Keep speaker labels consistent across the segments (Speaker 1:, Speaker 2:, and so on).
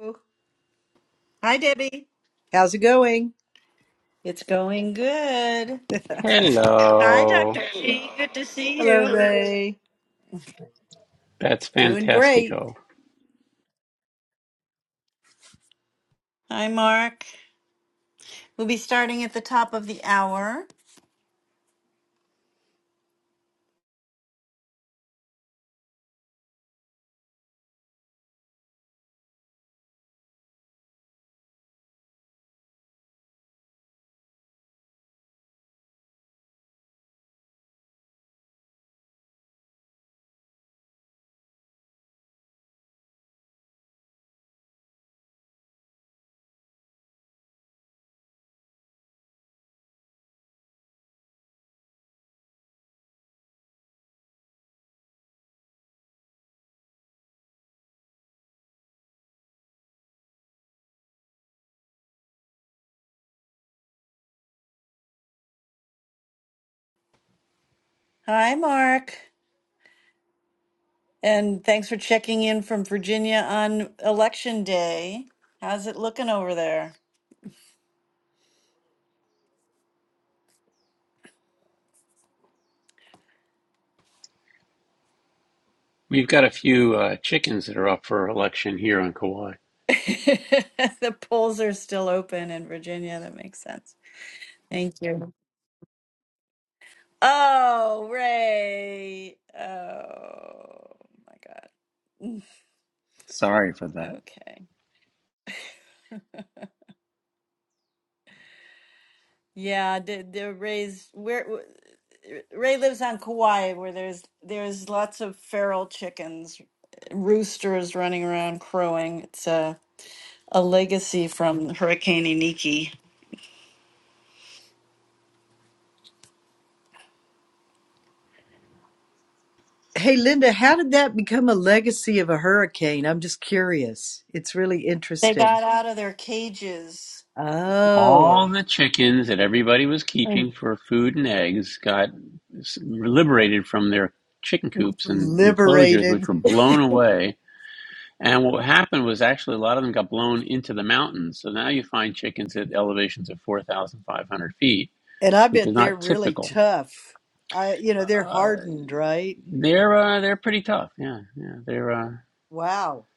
Speaker 1: Hello.
Speaker 2: Hi, Debbie.
Speaker 1: How's it going?
Speaker 2: It's going good.
Speaker 1: Hello,
Speaker 2: Hi,
Speaker 3: Hello.
Speaker 2: Dr. G. Good to see you.
Speaker 1: Ray.
Speaker 3: That's
Speaker 1: Doing great.
Speaker 3: fantastico.
Speaker 2: Hi, Mark. We'll be starting at the top of the hour. Hi, Mark. And thanks for checking in from Virginia on election day. How's it looking over there?
Speaker 3: We've got a few uh, chickens that are up for election here on Kauai.
Speaker 2: the polls are still open in Virginia. That makes sense. Thank you. Oh, Ray. Oh, my God.
Speaker 3: Sorry for that.
Speaker 2: Okay. Yeah, the the Rays. Where? Ray lives on Kauai, where there's there's lots of feral chickens, roosters running around crowing. It's a a legacy from Hurricane Iniki.
Speaker 1: Hey, Linda, how did that become a legacy of a hurricane? I'm just curious. It's really
Speaker 2: They
Speaker 1: interesting.
Speaker 2: got out of their cages.
Speaker 1: Oh,
Speaker 3: All the chickens that everybody was keeping
Speaker 2: Mm.
Speaker 3: for food and eggs got s- liberated from their chicken coops and enclosures,
Speaker 1: liberated.
Speaker 3: which were blown away. And what happened was actually a lot of them got blown into the mountains. So now you find chickens at elevations of 4,500 feet,
Speaker 1: And I
Speaker 3: which is
Speaker 1: bet they're
Speaker 3: not
Speaker 1: really
Speaker 3: typical.
Speaker 1: tough. I, you know, they're
Speaker 3: Uh,
Speaker 1: hardened, right?
Speaker 3: they're uh, they're pretty tough. Yeah, yeah. They're uh,
Speaker 1: Wow.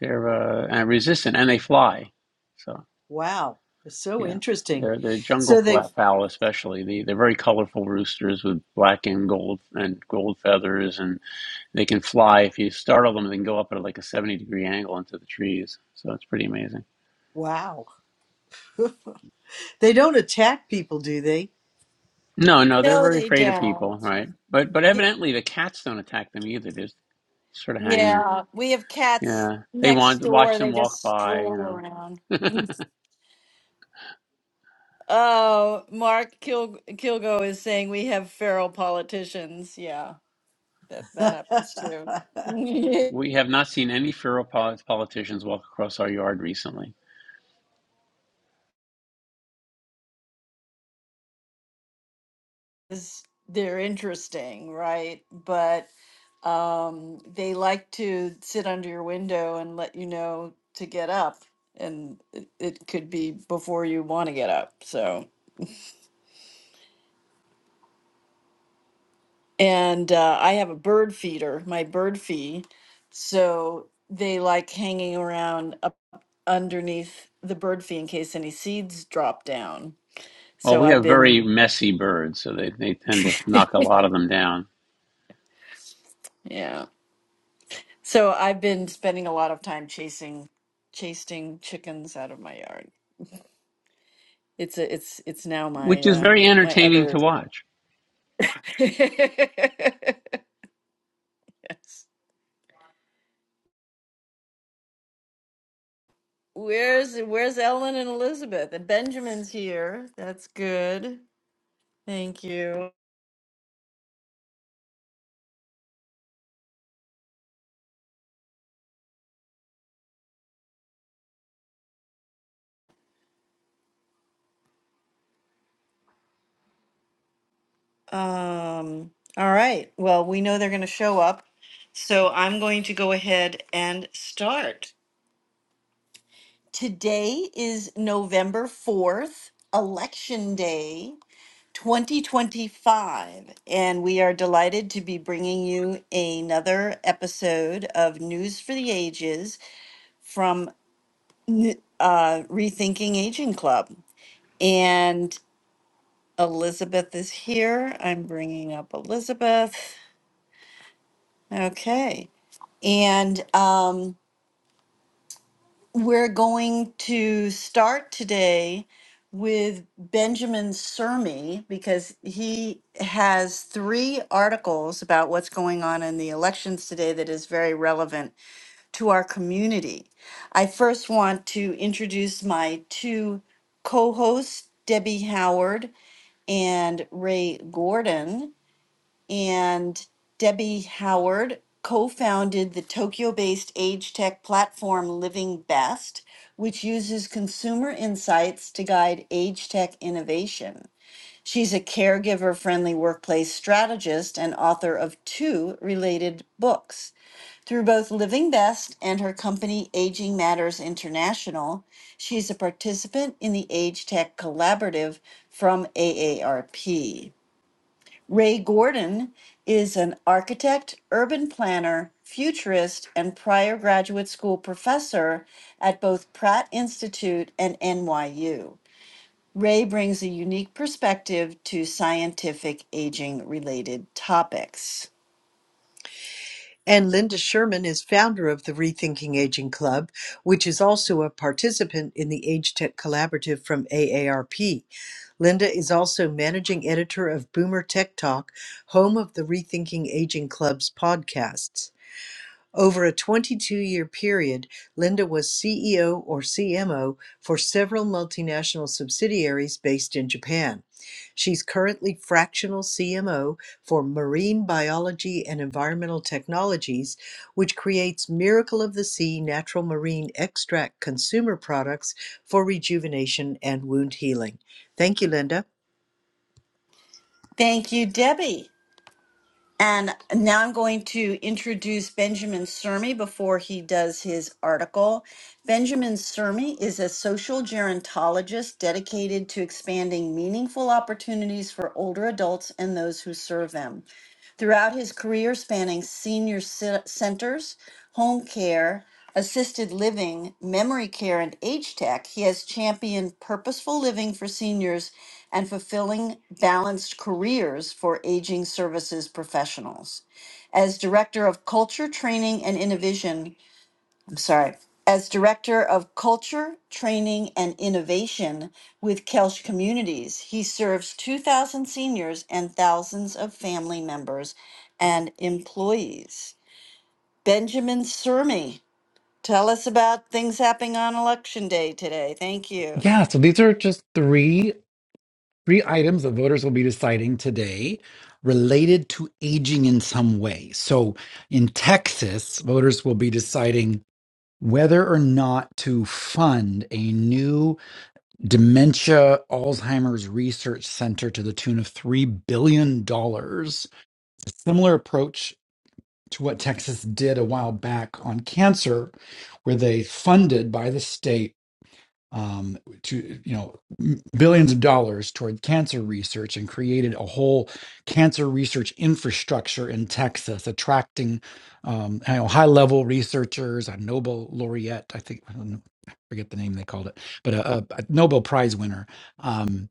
Speaker 3: They're uh, resistant, and they fly. So
Speaker 1: Wow. It's so
Speaker 3: yeah,
Speaker 1: interesting.
Speaker 3: they're they're jungle
Speaker 1: So they've,
Speaker 3: fowl especially. They they're very colorful roosters with black and gold and gold feathers, and they can fly. If you startle them, they can go up at like a seventy degree angle into the trees. So it's pretty amazing.
Speaker 1: wow. They don't attack people, do they?
Speaker 3: No, no, they're
Speaker 2: No,
Speaker 3: very
Speaker 2: they
Speaker 3: afraid of
Speaker 2: don't.
Speaker 3: people, right? But but
Speaker 2: Y-
Speaker 3: evidently the cats don't attack them either. They just sort of hang them.
Speaker 2: Yeah, we have cats
Speaker 3: Yeah, they
Speaker 2: next
Speaker 3: want watch
Speaker 2: door.
Speaker 3: them
Speaker 2: They
Speaker 3: walk
Speaker 2: just
Speaker 3: by. You
Speaker 2: stroll
Speaker 3: know,
Speaker 2: around. Oh, Mark Kil- Kilgo is saying we have feral politicians. Yeah, that that happens too.
Speaker 3: we have not seen any feral politicians walk across our yard recently.
Speaker 2: is they're interesting, right? But um, they like to sit under your window and let you know to get up, and it, it could be before you want to get up. So, and uh, I have a bird feeder, my bird feed, so they like hanging around up underneath the bird feed in case any seeds drop down.
Speaker 3: Well,
Speaker 2: So
Speaker 3: we
Speaker 2: I've
Speaker 3: have very
Speaker 2: been,
Speaker 3: messy birds, so they, they tend to knock a lot of them down,
Speaker 2: yeah. So I've been spending a lot of time chasing chasing chickens out of my yard. It's a, it's it's now
Speaker 3: which
Speaker 2: my
Speaker 3: is
Speaker 2: uh
Speaker 3: very
Speaker 2: my
Speaker 3: entertaining
Speaker 2: other
Speaker 3: to watch.
Speaker 2: Yes. Where's where's Ellen and Elizabeth? And Benjamin's here. That's good. Thank you. Um all right. Well, we know they're going to show up. So I'm going to go ahead and start. Today is November 4th, election day. 2025, and we are delighted to be bringing you another episode of News for the Ages from uh, Rethinking Aging Club. And Elizabeth is here. I'm bringing up Elizabeth. Okay. And um, We're going to start today with Benjamin Sermi because he has three articles about what's going on in the elections today that is very relevant to our community. I first want to introduce my two co hosts, Debbie Howard and Ray Gordon and Debbie Howard co founded the Tokyo based age tech platform Living Best, which uses consumer insights to guide age tech innovation. She's a caregiver friendly workplace strategist and author of two related books. Through both Living Best and her company Aging Matters International, she's a participant in the Age Tech Collaborative from AARP. Ray Gordon is an architect, urban planner, futurist, and prior graduate school professor at both Pratt Institute and NYU. Ray brings a unique perspective to scientific aging related topics.
Speaker 1: And Linda Sherman is founder of the Rethinking Aging Club, which is also a participant in the Age Tech Collaborative from AARP. Linda is also managing editor of Boomer Tech Talk, home of the Rethinking Aging Club's podcasts. Over a 22-year period, Linda was CEO or CMO for several multinational subsidiaries based in Japan. She's currently fractional CMO for Marine Biology and Environmental Technologies, which creates Miracle of the Sea natural marine extract consumer products for rejuvenation and wound healing. Thank you, Linda.
Speaker 2: Thank you, Debbie. And now I'm going to introduce Benjamin Sermi before he does his article. Benjamin Sermi is a social gerontologist dedicated to expanding meaningful opportunities for older adults and those who serve them. Throughout his career spanning senior ce- centers, home care, assisted living, memory care, and age tech, he has championed purposeful living for seniors and fulfilling balanced careers for aging services professionals. As Director of Culture, Training, and Innovation I'm sorry, as Director of Culture, Training, and Innovation with Kelsch Communities. He serves 2,000 seniors and thousands of family members and employees. Benjamin Surmi, tell us about things happening on Election Day today. Thank you.
Speaker 4: Yeah, so these are just three three items that voters will be deciding today related to aging in some way. So in Texas, voters will be deciding whether or not to fund a new dementia Alzheimer's research center to the tune of 3 billion dollars. A similar approach to what Texas did a while back on cancer where they funded by the state um, to you know billions of dollars toward cancer research and created a whole cancer research infrastructure in Texas, attracting um, you know, high level researchers, a Nobel laureate, I think I don't know, I forget the name they called it, but a, a, a Nobel Prize winner. Um,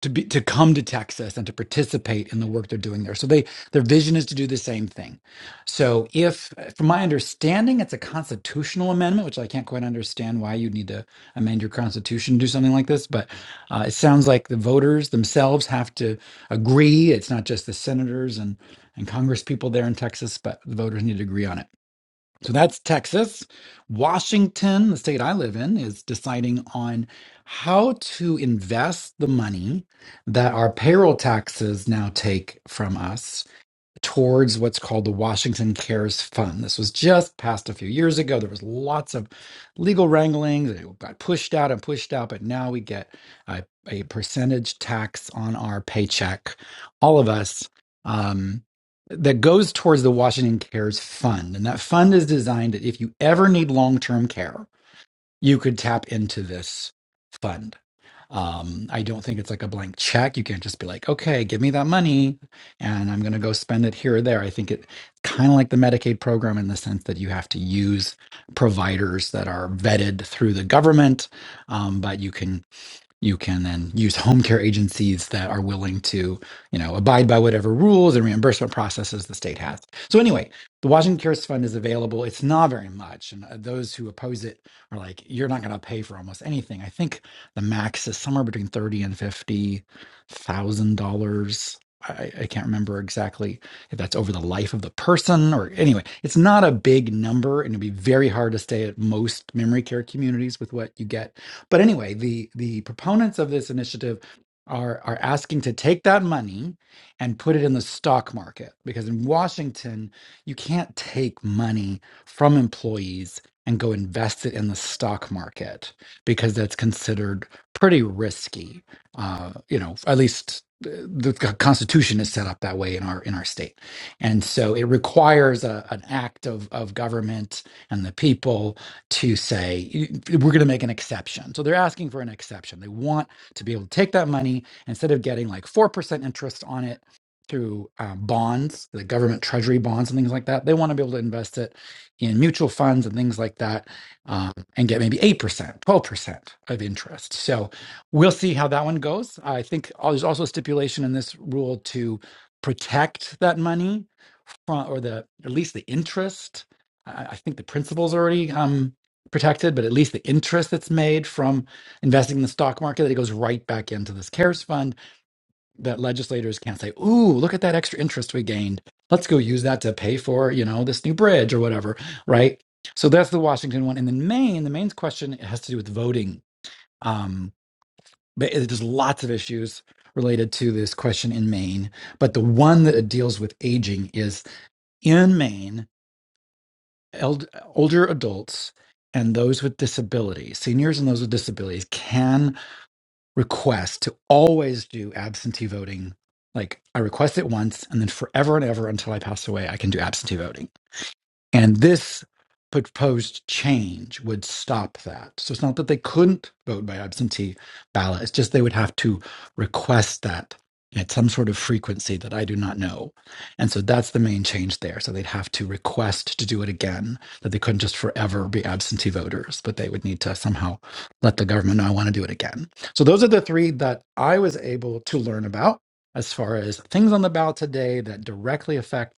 Speaker 4: to be to come to Texas and to participate in the work they're doing there. So they their vision is to do the same thing. So if from my understanding it's a constitutional amendment, which I can't quite understand why you'd need to amend your constitution to do something like this, but uh, it sounds like the voters themselves have to agree. It's not just the senators and and congress people there in Texas, but the voters need to agree on it. So that's Texas. Washington, the state I live in, is deciding on how to invest the money that our payroll taxes now take from us towards what's called the Washington Cares Fund. This was just passed a few years ago. There was lots of legal wranglings. It got pushed out and pushed out, but now we get a, a percentage tax on our paycheck, all of us, um, that goes towards the Washington Cares Fund. And that fund is designed that if you ever need long term care, you could tap into this fund um, I don't think it's like a blank check. You can't just be like, okay, give me that money and I'm going to go spend it here or there. I think it kind of like the Medicaid program in the sense that you have to use providers that are vetted through the government, um, but you can you can then use home care agencies that are willing to, you know, abide by whatever rules and reimbursement processes the state has. So anyway, the Washington Cares Fund is available. It's not very much, and uh, those who oppose it are like, you're not going to pay for almost anything. I think the max is somewhere between thirty and fifty thousand dollars. I, I can't remember exactly if that's over the life of the person or anyway, it's not a big number and it'd be very hard to stay at most memory care communities with what you get but anyway, the the proponents of this initiative are are asking to take that money and put it in the stock market because in Washington you can't take money from employees and go invest it in the stock market because that's considered pretty risky. Uh, you know, at least uh, the c- Constitution is set up that way in our in our state, and so it requires a, an act of of government and the people to say we're going to make an exception. So they're asking for an exception. They want to be able to take that money instead of getting like 4% interest on it through um, bonds, the government treasury bonds and things like that. They want to be able to invest it in mutual funds and things like that um, and get maybe 8%, 12% of interest. So we'll see how that one goes. I think al- there's also a stipulation in this rule to protect that money from, or the at least the interest. I, I think the principal's already. um protected, but at least the interest that's made from investing in the stock market that it goes right back into this CARES fund that legislators can't say, "Ooh, look at that extra interest we gained. Let's go use that to pay for, you know, this new bridge or whatever," right? So that's the Washington one, and then Maine. The Maine's question has to do with voting, um, but it- there's lots of issues related to this question in Maine. But the one that it deals with aging is in Maine eld- older adults and those with disabilities, seniors and those with disabilities, can request to always do absentee voting. Like I request it once, and then forever and ever until I pass away, I can do absentee voting. And this proposed change would stop that. So it's not that they couldn't vote by absentee ballot, it's just they would have to request that at some sort of frequency that I do not know. And so that's the main change there. So they'd have to request to do it again, that they couldn't just forever be absentee voters, but they would need to somehow let the government know I want to do it again. So those are the three that I was able to learn about as far as things on the ballot today that directly affect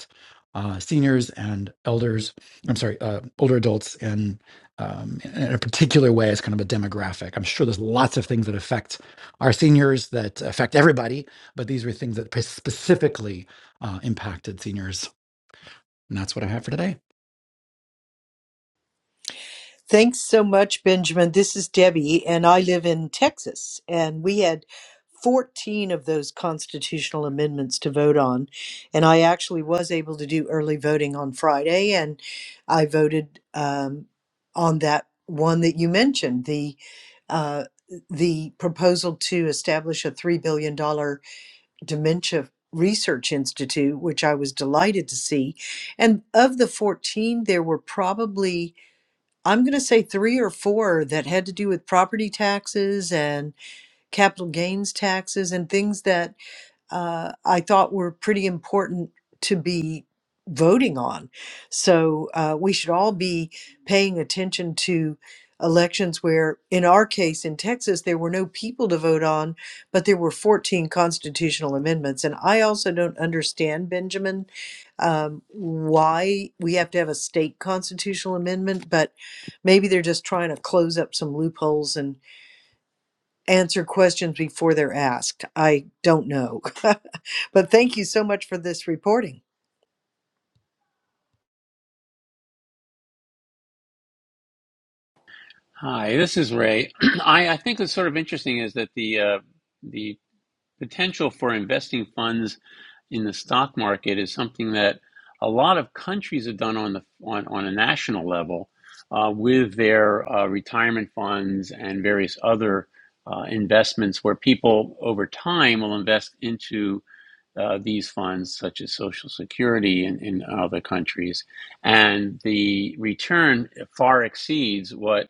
Speaker 4: uh, seniors and elders. I'm sorry, uh, older adults, and um, in a particular way as kind of a demographic. I'm sure there's lots of things that affect our seniors that affect everybody, but these were things that specifically uh, impacted seniors, and that's what I have for today.
Speaker 1: Thanks so much, Benjamin. This is Debbie, and I live in Texas. And we had 14 of those constitutional amendments to vote on. And I actually was able to do early voting on Friday, and I voted um, on that one that you mentioned the uh, the proposal to establish a $3 billion dollar dementia research institute, which I was delighted to see. And of the 14, there were probably I'm going to say three or four that had to do with property taxes and capital gains taxes and things that uh, I thought were pretty important to be voting on. So uh, we should all be paying attention to elections where, in our case in Texas, there were no people to vote on, but there were 14 constitutional amendments. And I also don't understand, Benjamin, um, why we have to have a state constitutional amendment, but maybe they're just trying to close up some loopholes and answer questions before they're asked. I don't know. but thank you so much for this reporting.
Speaker 3: Hi, this is Ray. I, I think what's sort of interesting is that the uh, the potential for investing funds in the stock market is something that a lot of countries have done on the on, on a national level uh, with their uh, retirement funds and various other uh, investments, where people over time will invest into uh, these funds, such as Social Security in, in other countries. And the return far exceeds what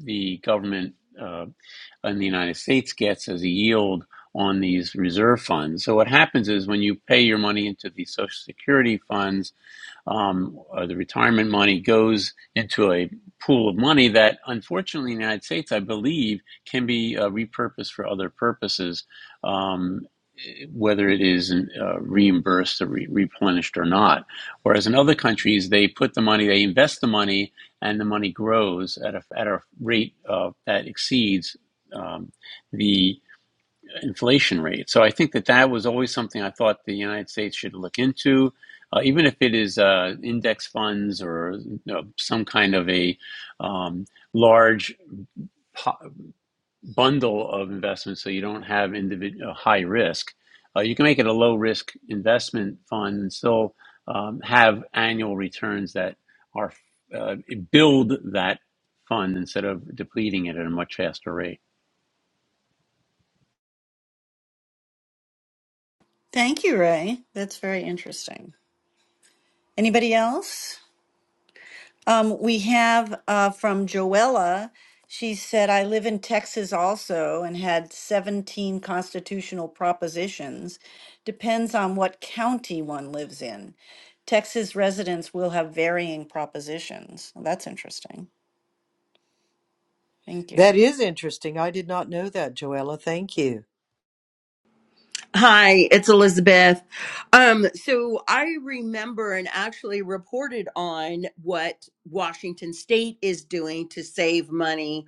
Speaker 3: the government uh, in the United States gets as a yield on these reserve funds. So, what happens is when you pay your money into these Social Security funds, um, uh, the retirement money goes into a pool of money that, unfortunately, in the United States, I believe, can be uh, repurposed for other purposes, um, whether it is uh, reimbursed or re- replenished or not. Whereas in other countries, they put the money, they invest the money, and the money grows at a, at a rate uh, that exceeds um, the inflation rate. So I think that that was always something I thought the United States should look into, uh, even if it is uh, index funds or you know, some kind of a um, large po- bundle of investments, so you don't have individual high risk. Uh, you can make it a low risk investment fund and still um, have annual returns that are uh, build that fund instead of depleting it at a much faster rate.
Speaker 2: Thank you, Ray. That's very interesting. Anybody else? Um, we have uh, from Joella. She said, I live in Texas also and had 17 constitutional propositions. Depends on what county one lives in. Texas residents will have varying propositions. Well, that's interesting. Thank you.
Speaker 1: That is interesting. I did not know that, Joella. Thank you.
Speaker 5: Hi, it's Elizabeth. Um, so I remember and actually reported on what Washington State is doing to save money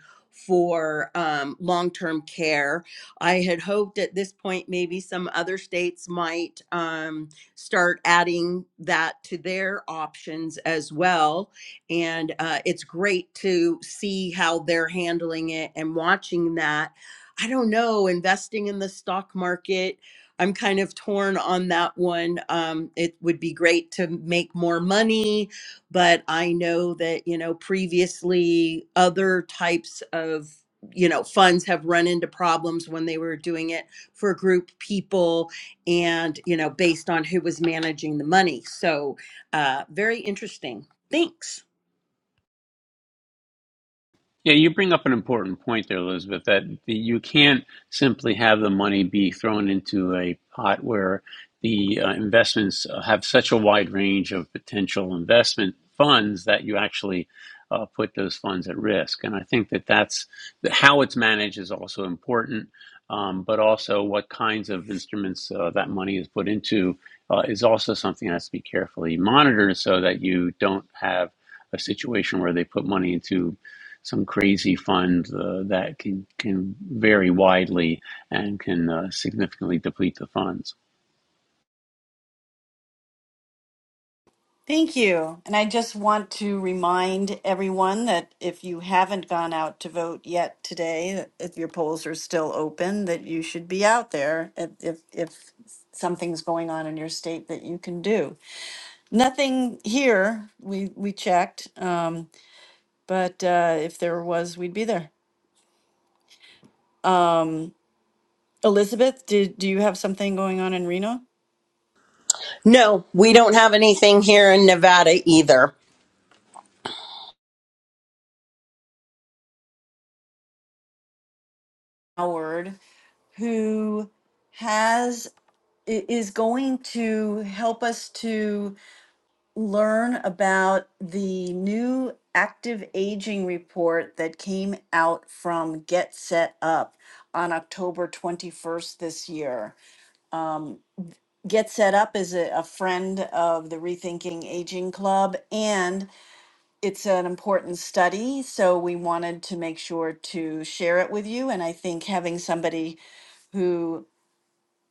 Speaker 5: for um, long term care. I had hoped at this point maybe some other states might um, start adding that to their options as well. And uh, it's great to see how they're handling it and watching that. I don't know, investing in the stock market I'm kind of torn on that one. Um, it would be great to make more money, but I know that, you know, previously other types of, you know, funds have run into problems when they were doing it for group people and, you know, based on who was managing the money. So, uh, very interesting. Thanks.
Speaker 3: Yeah, you bring up an important point there, Elizabeth, that the, you can't simply have the money be thrown into a pot where the uh, investments uh, have such a wide range of potential investment funds that you actually uh, put those funds at risk. And I think that that's that how it's managed is also important, um, but also what kinds of instruments uh, that money is put into uh, is also something that has to be carefully monitored so that you don't have a situation where they put money into some crazy fund uh, that can can vary widely and can uh, significantly deplete the funds.
Speaker 2: Thank you. And I just want to remind everyone that if you haven't gone out to vote yet today, that if your polls are still open, that you should be out there if, if, if something's going on in your state that you can do. Nothing here, we, we checked, um, but uh, if there was, we'd be there. Um, Elizabeth, do, do you have something going on in Reno?
Speaker 5: No, we don't have anything here in Nevada either.
Speaker 2: Howard, who has i- is going to help us to learn about the new active aging report that came out from Get Set Up on October 21st this year. Get Set Up is a, a friend of the Rethinking Aging Club, and it's an important study. So we wanted to make sure to share it with you. And I think having somebody who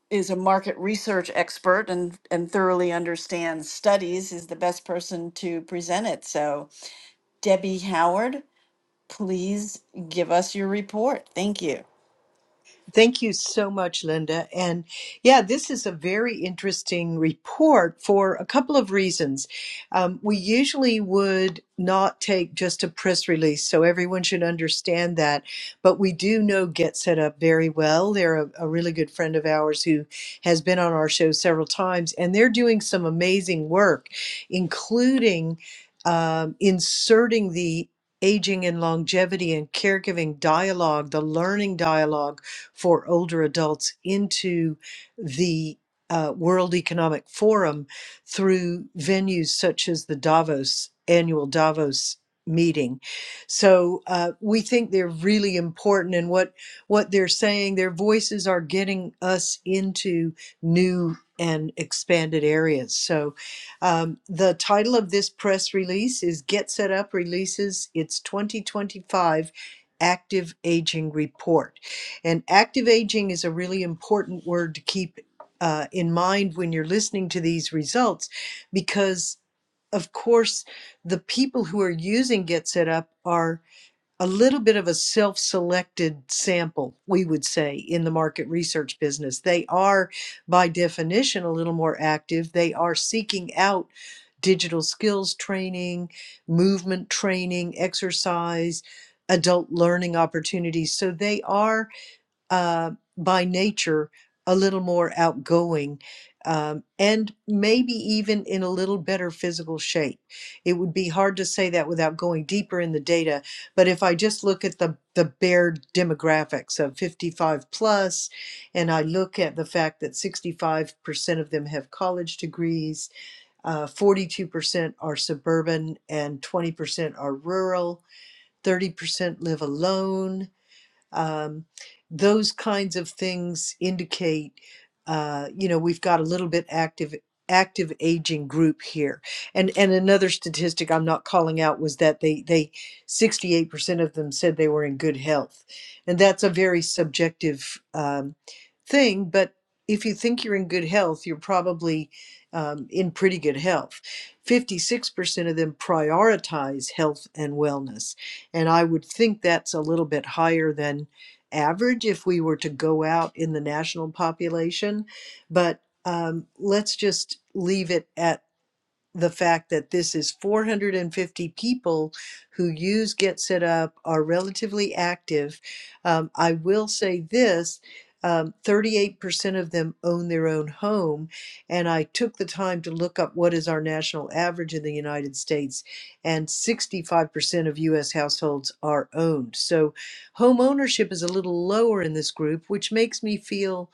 Speaker 2: is a market research expert and, and thoroughly understands studies is the best person to present it. So Debbie Howard, please give us your report. Thank you.
Speaker 1: Thank you so much, Linda. And yeah, this is a very interesting report for a couple of reasons. Um, we usually would not take just a press release, so everyone should understand that. But we do know Get Set Up very well. They're a, a really good friend of ours who has been on our show several times, and they're doing some amazing work, including um, inserting the Aging and longevity and caregiving dialogue, the learning dialogue for older adults into the uh, World Economic Forum through venues such as the Davos annual Davos meeting. So uh, we think they're really important, and what what they're saying, their voices are getting us into new and expanded areas. So um, the title of this press release is "Get Set Up Releases Its 2025 Active Aging Report." And active aging is a really important word to keep uh, in mind when you're listening to these results, because of course, the people who are using Get Set Up are a little bit of a self selected sample, we would say, in the market research business. They are, by definition, a little more active. They are seeking out digital skills training, movement training, exercise, adult learning opportunities. So they are uh, by nature a little more outgoing um, and maybe even in a little better physical shape. It would be hard to say that without going deeper in the data, but if I just look at the, the bare demographics of 55 plus, and I look at the fact that 65% of them have college degrees, uh, 42% are suburban, and 20% are rural, 30% live alone um, those kinds of things indicate, uh, you know, we've got a little bit active active aging group here. And and another statistic I'm not calling out was that they they 68% of them said they were in good health, and that's a very subjective um, thing. But if you think you're in good health, you're probably um, in pretty good health. 56% of them prioritize health and wellness and I would think that's a little bit higher than average if we were to go out in the national population. But um, let's just leave it at the fact that this is 450 people who use Get Set Up are relatively active. Um, I will say this. Um, 38% of them own their own home. And I took the time to look up what is our national average in the United States, and 65% of US households are owned. So home ownership is a little lower in this group, which makes me feel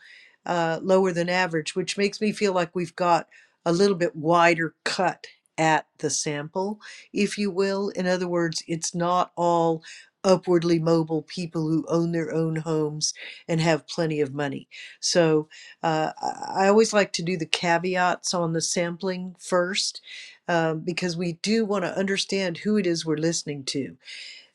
Speaker 1: uh, lower than average, which makes me feel like we've got a little bit wider cut at the sample, if you will. In other words, it's not all upwardly mobile people who own their own homes and have plenty of money. So uh, I always like to do the caveats on the sampling first um, because we do want to understand who it is we're listening to.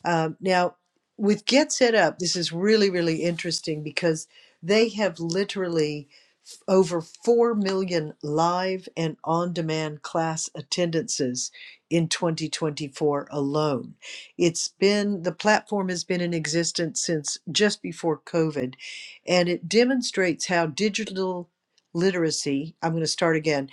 Speaker 1: Um, now, with Get Set Up, this is really, really interesting because they have literally f- over 4 million live and on demand class attendances in 2024 alone. It's been, the platform has been in existence since just before COVID, and it demonstrates how digital literacy, I'm going to start again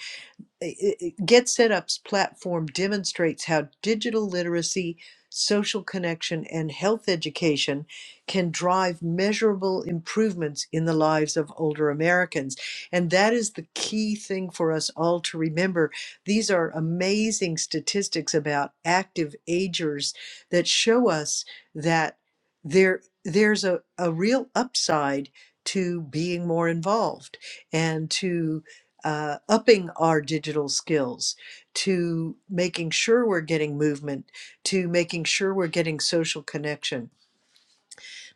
Speaker 1: Get Set Up's platform demonstrates how digital literacy, social connection, and health education can drive measurable improvements in the lives of older Americans. And that is the key thing for us all to remember. These are amazing statistics about active agers that show us that there, there's a, a real upside to being more involved and to uh, upping our digital skills to making sure we're getting movement to making sure we're getting social connection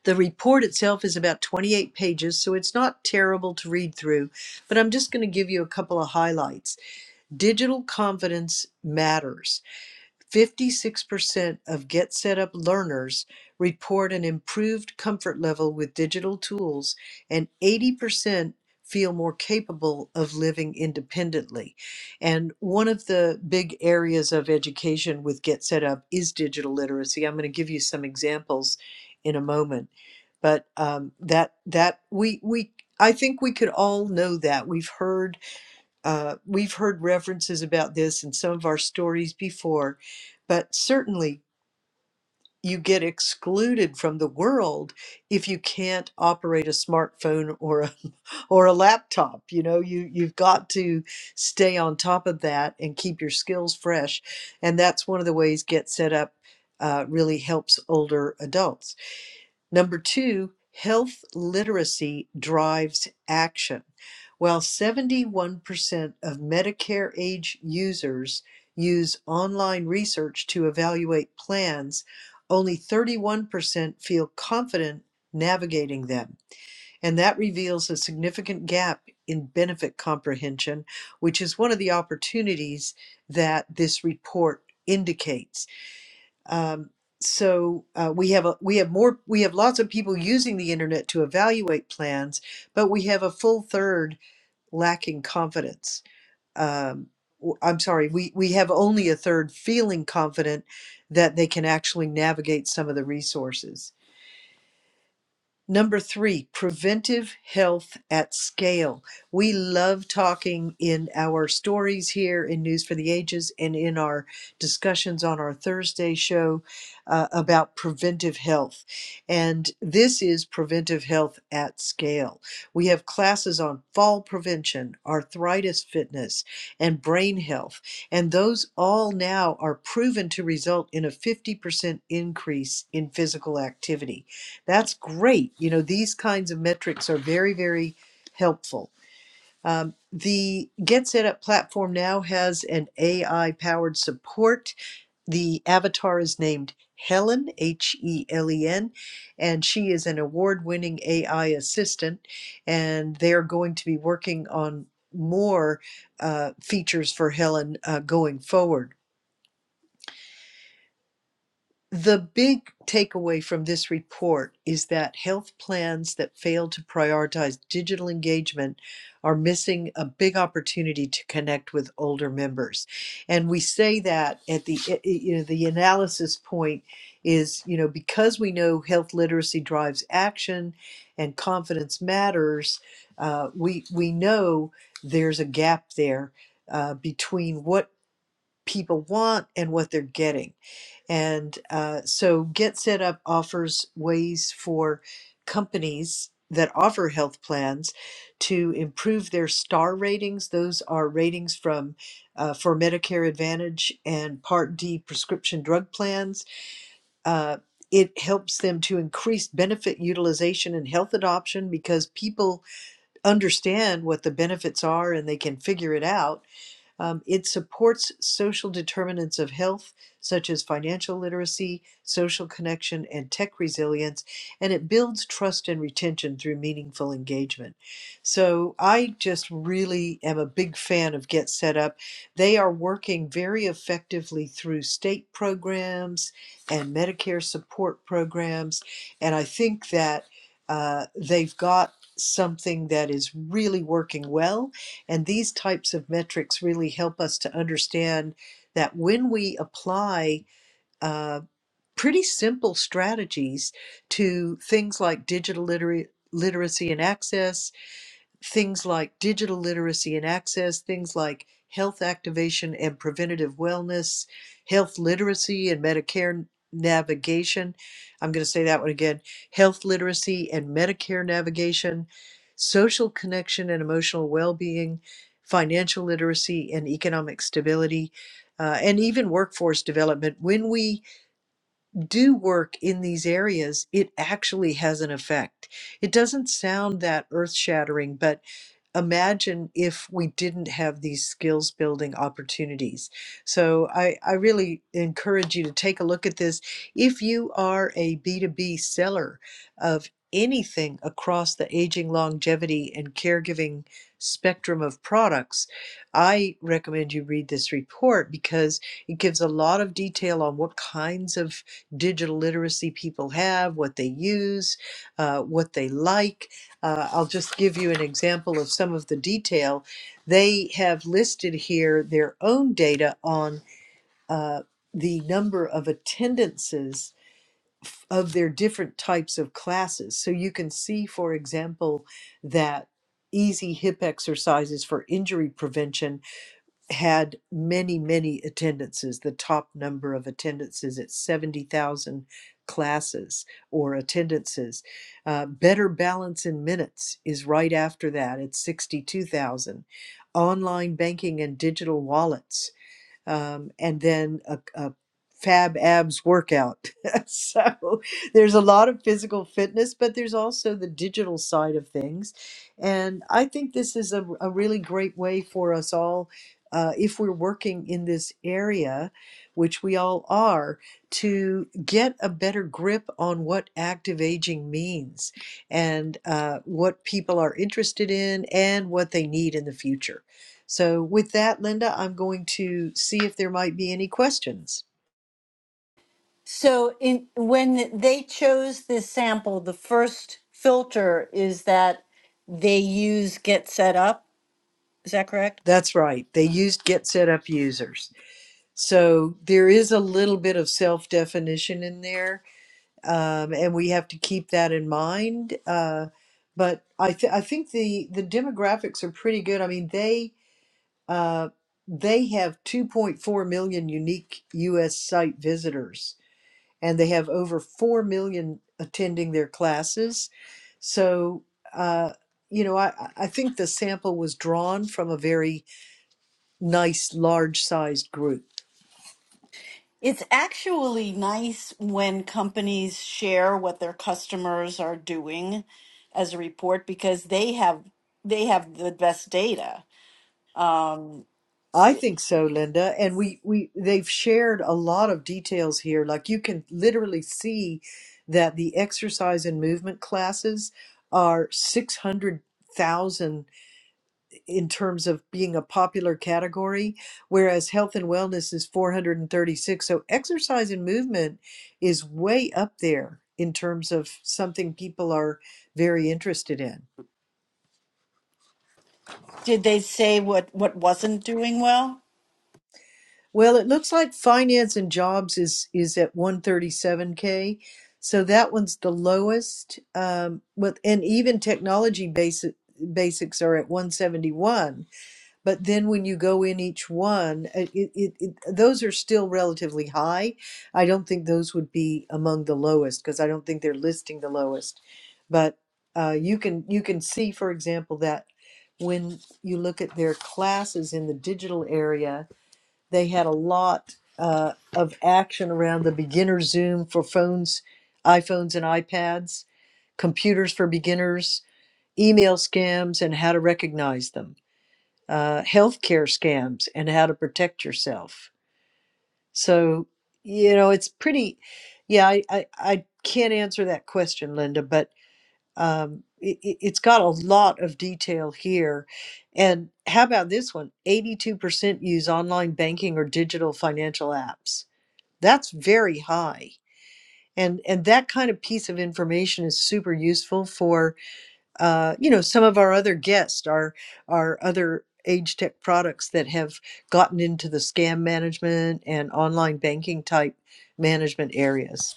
Speaker 1: the report itself is about 28 pages so it's not terrible to read through but i'm just going to give you a couple of highlights digital confidence matters 56% of Get Set Up learners report an improved comfort level with digital tools, and 80% feel more capable of living independently. And one of the big areas of education with Get Set Up is digital literacy. I'm going to give you some examples in a moment. But um, that that we we I think we could all know that we've heard uh, we've heard references about this in some of our stories before, but certainly you get excluded from the world if you can't operate a smartphone or a, or a laptop. You know, you you've got to stay on top of that and keep your skills fresh, and that's one of the ways Get Set Up uh, really helps older adults. Number two, health literacy drives action. While 71% of Medicare age users use online research to evaluate plans, only 31% feel confident navigating them. And that reveals a significant gap in benefit comprehension, which is one of the opportunities that this report indicates. Um, so uh, we have a, we have more we have lots of people using the internet to evaluate plans, but we have a full third lacking confidence. Um, w- I'm sorry, we we have only a third feeling confident that they can actually navigate some of the resources. Number three, preventive health at scale. We love talking in our stories here in News for the Ages and in our discussions on our Thursday show uh, about preventive health. And this is preventive health at scale. We have classes on fall prevention, arthritis fitness, and brain health. And those all now are proven to result in a 50% increase in physical activity. That's great. You know, these kinds of metrics are very, very helpful. Um, the Get Set Up platform now has an AI powered support. The avatar is named Helen, H E L E N, and she is an award winning AI assistant. And they're going to be working on more uh, features for Helen uh, going forward. The big takeaway from this report is that health plans that fail to prioritize digital engagement are missing a big opportunity to connect with older members. And we say that at the eh, eh, you know the analysis point is, you know, because we know health literacy drives action and confidence matters, uh, we we know there's a gap there uh, between what people want and what they're getting and uh, so Get Set Up offers ways for companies that offer health plans to improve their star ratings. Those are ratings from uh, for Medicare Advantage and Part D prescription drug plans. Uh, it helps them to increase benefit utilization and health adoption because people understand what the benefits are and they can figure it out um, it supports social determinants of health, such as financial literacy, social connection, and tech resilience, and it builds trust and retention through meaningful engagement. So I just really am a big fan of Get Set Up. They are working very effectively through state programs and Medicare support programs, and I think that uh, they've got something that is really working well and these types of metrics really help us to understand that when we apply uh, pretty simple strategies to things like digital litera- literacy and access, things like digital literacy and access, things like health activation and preventative wellness, health literacy and Medicare navigation. I'm going to say that one again health literacy and Medicare navigation, social connection and emotional well being, financial literacy and economic stability. Uh, and even workforce development. When we do work in these areas, it actually has an effect. It doesn't sound that earth shattering, but imagine if we didn't have these skills building opportunities. So I, I really encourage you to take a look at this. If you are a B2B seller of anything across the aging, longevity, and caregiving spectrum of products, I recommend you read this report because it gives a lot of detail on what kinds of digital literacy people have, what they use, uh, what they like uh, I'll just give you an example of some of the detail. They have listed here their own data on uh, the number of attendances of their different types of classes. So you can see, for example, that easy hip exercises for injury prevention had many, many attendances, the top number of attendances at 70,000 classes or attendances. Uh, Better Balance in Minutes is right after that at 62,000. Online banking and digital wallets um, and then a, a fab abs workout. so there's a lot of physical fitness, but there's also the digital side of things. And I think this is a, a really great way for us all, uh, if we're working in this area, which we all are, to get a better grip on what active aging means and uh, what people are interested in and what they need in the future. So, with that, Linda, I'm going to see if there might be any questions.
Speaker 2: So in when they chose this sample, the first filter is that they use get set up. Is that correct?
Speaker 1: That's right. They used get set up users. So, there is a little bit of self definition in there, um, and we have to keep that in mind. Uh, but I, th- I think the, the demographics are pretty good. I mean, they, uh, they have 2.4 million unique US site visitors and they have over 4 million attending their classes. So, uh, you know, I, I I think the sample was drawn from a very nice, large sized group.
Speaker 2: It's actually nice when companies share what their customers are doing as a report because they have they have the best data. Um,
Speaker 1: I think so, Linda. And we, we they've shared a lot of details here. Like you can literally see that the exercise and movement classes are 600,000 in terms of being a popular category, whereas health and wellness is 436. So exercise and movement is way up there in terms of something people are very interested in.
Speaker 2: did they say what what wasn't doing well?
Speaker 1: Well, it looks like finance and jobs is is at 137k. So that one's the lowest. Um, with and even technology basic, basics are at 171 but then when you go in each one uh, it, it, it, those are still relatively high i don't think those would be among the lowest because i don't think they're listing the lowest but uh, you can you can see for example that when you look at their classes in the digital area they had a lot uh, of action around the beginner zoom for phones iphones and ipads computers for beginners email scams and how to recognize them uh, healthcare scams and how to protect yourself. So, you know, it's pretty, yeah, I, I, I can't answer that question, Linda, but um, it, it- it's got a lot of detail here. And how about this one? 82% use online banking or digital financial apps. That's very high. And, and that kind of piece of information is super useful for uh, you know, some of our other guests, our our other age tech products that have gotten into the scam management and online banking type management areas.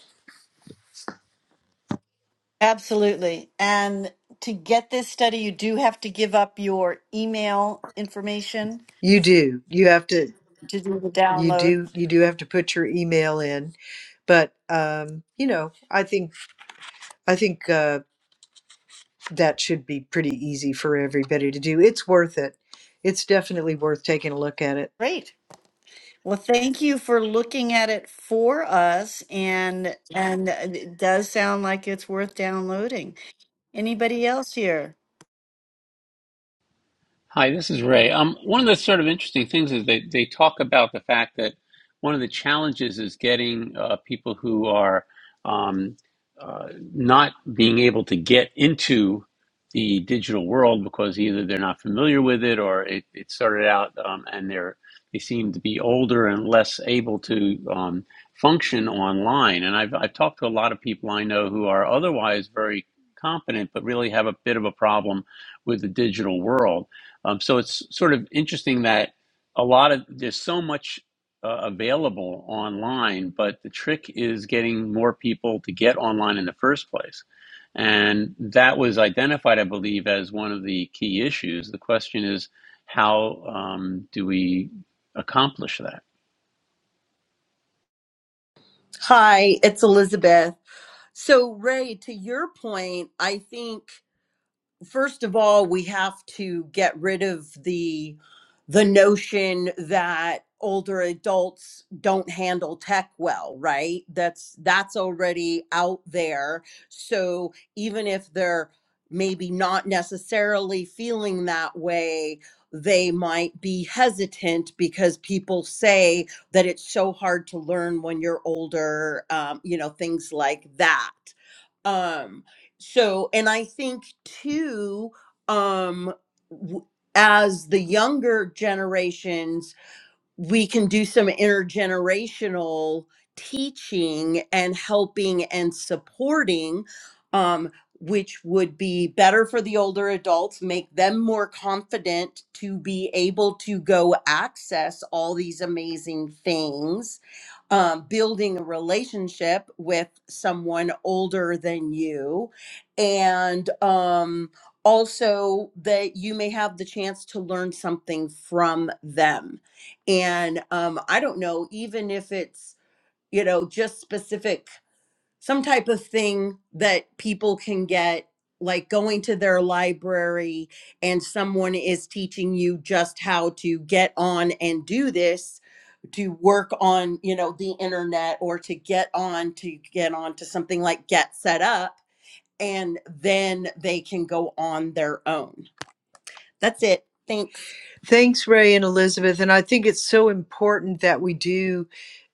Speaker 2: Absolutely. And to get this study, you do have to give up your email information
Speaker 1: You do. You have to.
Speaker 2: to do the
Speaker 1: You
Speaker 2: download.
Speaker 1: do. You do have to put your email in. But um, you know, I think I think uh, that should be pretty easy for everybody to do. It's worth it. It's definitely worth taking a look at it.
Speaker 2: Great. Well, thank you for looking at it for us and and it does sound like it's worth downloading. Anybody else here?
Speaker 3: Hi, this is Ray. Um, one of the sort of interesting things is they they talk about the fact that one of the challenges is getting uh, people who are um, uh, not being able to get into the digital world because either they're not familiar with it or it, it started out um, and they're they seem to be older and less able to um, function online. And I've I've talked to a lot of people I know who are otherwise very competent but really have a bit of a problem with the digital world. Um, so it's sort of interesting that a lot of there's so much uh, available online, but the trick is getting more people to get online in the first place. And that was identified, I believe, as one of the key issues. The question is, how um, do we accomplish that?
Speaker 5: Hi, it's Elizabeth. So, Ray, to your point, I think. first of all we have to get rid of the the notion that older adults don't handle tech well right that's that's already out there so even if they're maybe not necessarily feeling that way they might be hesitant because people say that it's so hard to learn when you're older um, you know things like that um so and i think too um w- as the younger generations we can do some intergenerational teaching and helping and supporting um which would be better for the older adults make them more confident to be able to go access all these amazing things um, building a relationship with someone older than you, and um, also that you may have the chance to learn something from them. And um, I don't know, even if it's you know just specific some type of thing that people can get like going to their library and someone is teaching you just how to get on and do this to work on you know the internet or to get on to get on to something like get set up and then they can go on their own that's it thanks
Speaker 1: Thanks, Ray and Elizabeth. And I think it's so important that we do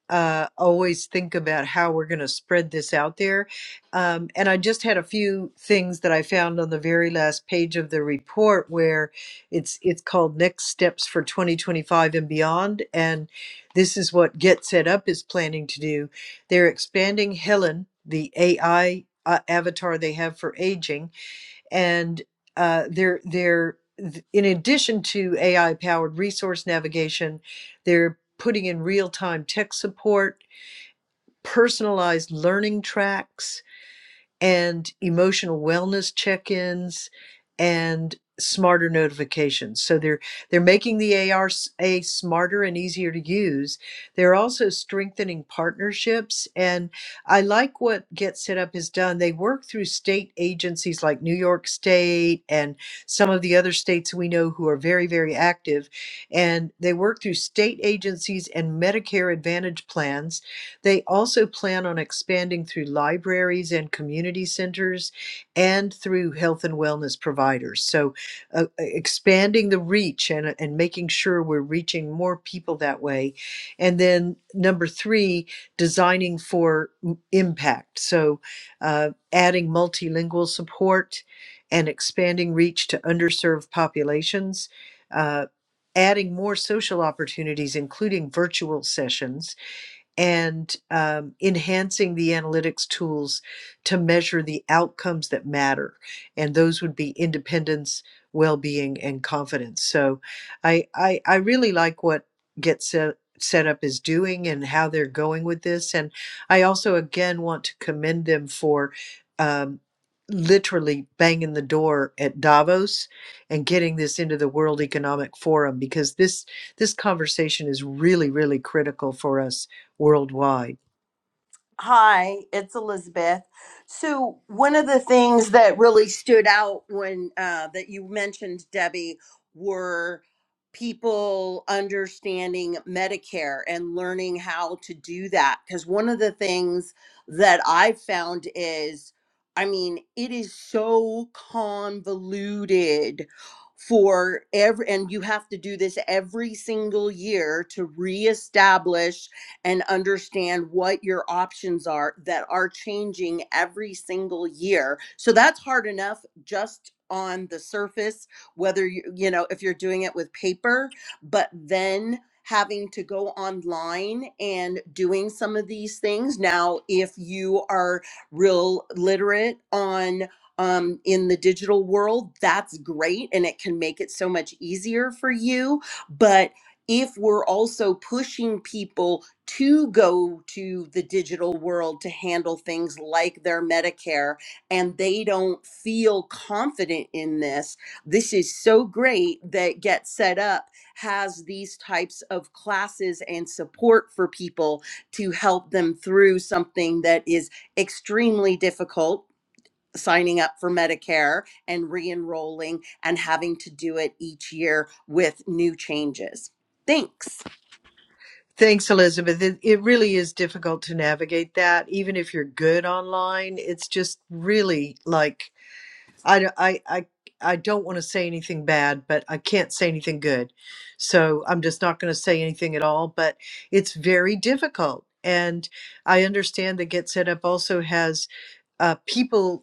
Speaker 1: uh, always think about how we're going to spread this out there. Um, and I just had a few things that I found on the very last page of the report where it's it's called Next Steps for 2025 and Beyond. And this is what Get Set Up is planning to do. They're expanding Helen, the AI uh, avatar they have for aging and uh, they're they're in addition to AI powered resource navigation, they're putting in real time tech support, personalized learning tracks, and emotional wellness check-ins and smarter notifications. So they're they're making the ARA smarter and easier to use. They're also strengthening partnerships and I like what Get Set Up has done. They work through state agencies like New York State and some of the other states we know who are very very active and they work through state agencies and Medicare Advantage plans they also plan on expanding through libraries and community centers and through health and wellness providers. So, uh, uh, expanding the reach and, uh, and making sure we're reaching more people that way. And then, number three, designing for m- impact. So, uh, adding multilingual support and expanding reach to underserved populations. Uh, adding more social opportunities, including virtual sessions, and um, enhancing the analytics tools to measure the outcomes that matter. And those would be independence, well being, and confidence. So I, I, I really like what Get Set, set Up is doing and how they're going with this. And I also, again, want to commend them for. Um, literally banging the door at Davos and getting this into the World Economic Forum because this this conversation is really really critical for us worldwide.
Speaker 5: Hi, it's Elizabeth. So, one of the things that really stood out when uh, that you mentioned, Debbie, were people understanding Medicare and learning how to do that. Because one of the things that I've found is, I mean, it is so convoluted for every, and you have to do this every single year to reestablish and understand what your options are that are changing every single year. So that's hard enough just on the surface, whether you, you know, if you're doing it with paper, but then having to go online and doing some of these things. Now, if you are real literate on um, in the digital world, that's great and it can make it so much easier for you. But if we're also pushing people to go to the digital world to handle things like their Medicare and they don't feel confident in this. This is so great that Get Set Up has these types of classes and support for people to help them through something that is extremely difficult. Signing up for Medicare and re enrolling and having to do it each year with new changes. Thanks.
Speaker 1: Thanks, Elizabeth. It, it really is difficult to navigate that, even if you're good online. It's just really like I, d- I, I, I don't want to say anything bad, but I can't say anything good. So I'm just not going to say anything at all. But it's very difficult. And I understand that Get Set Up also has uh, people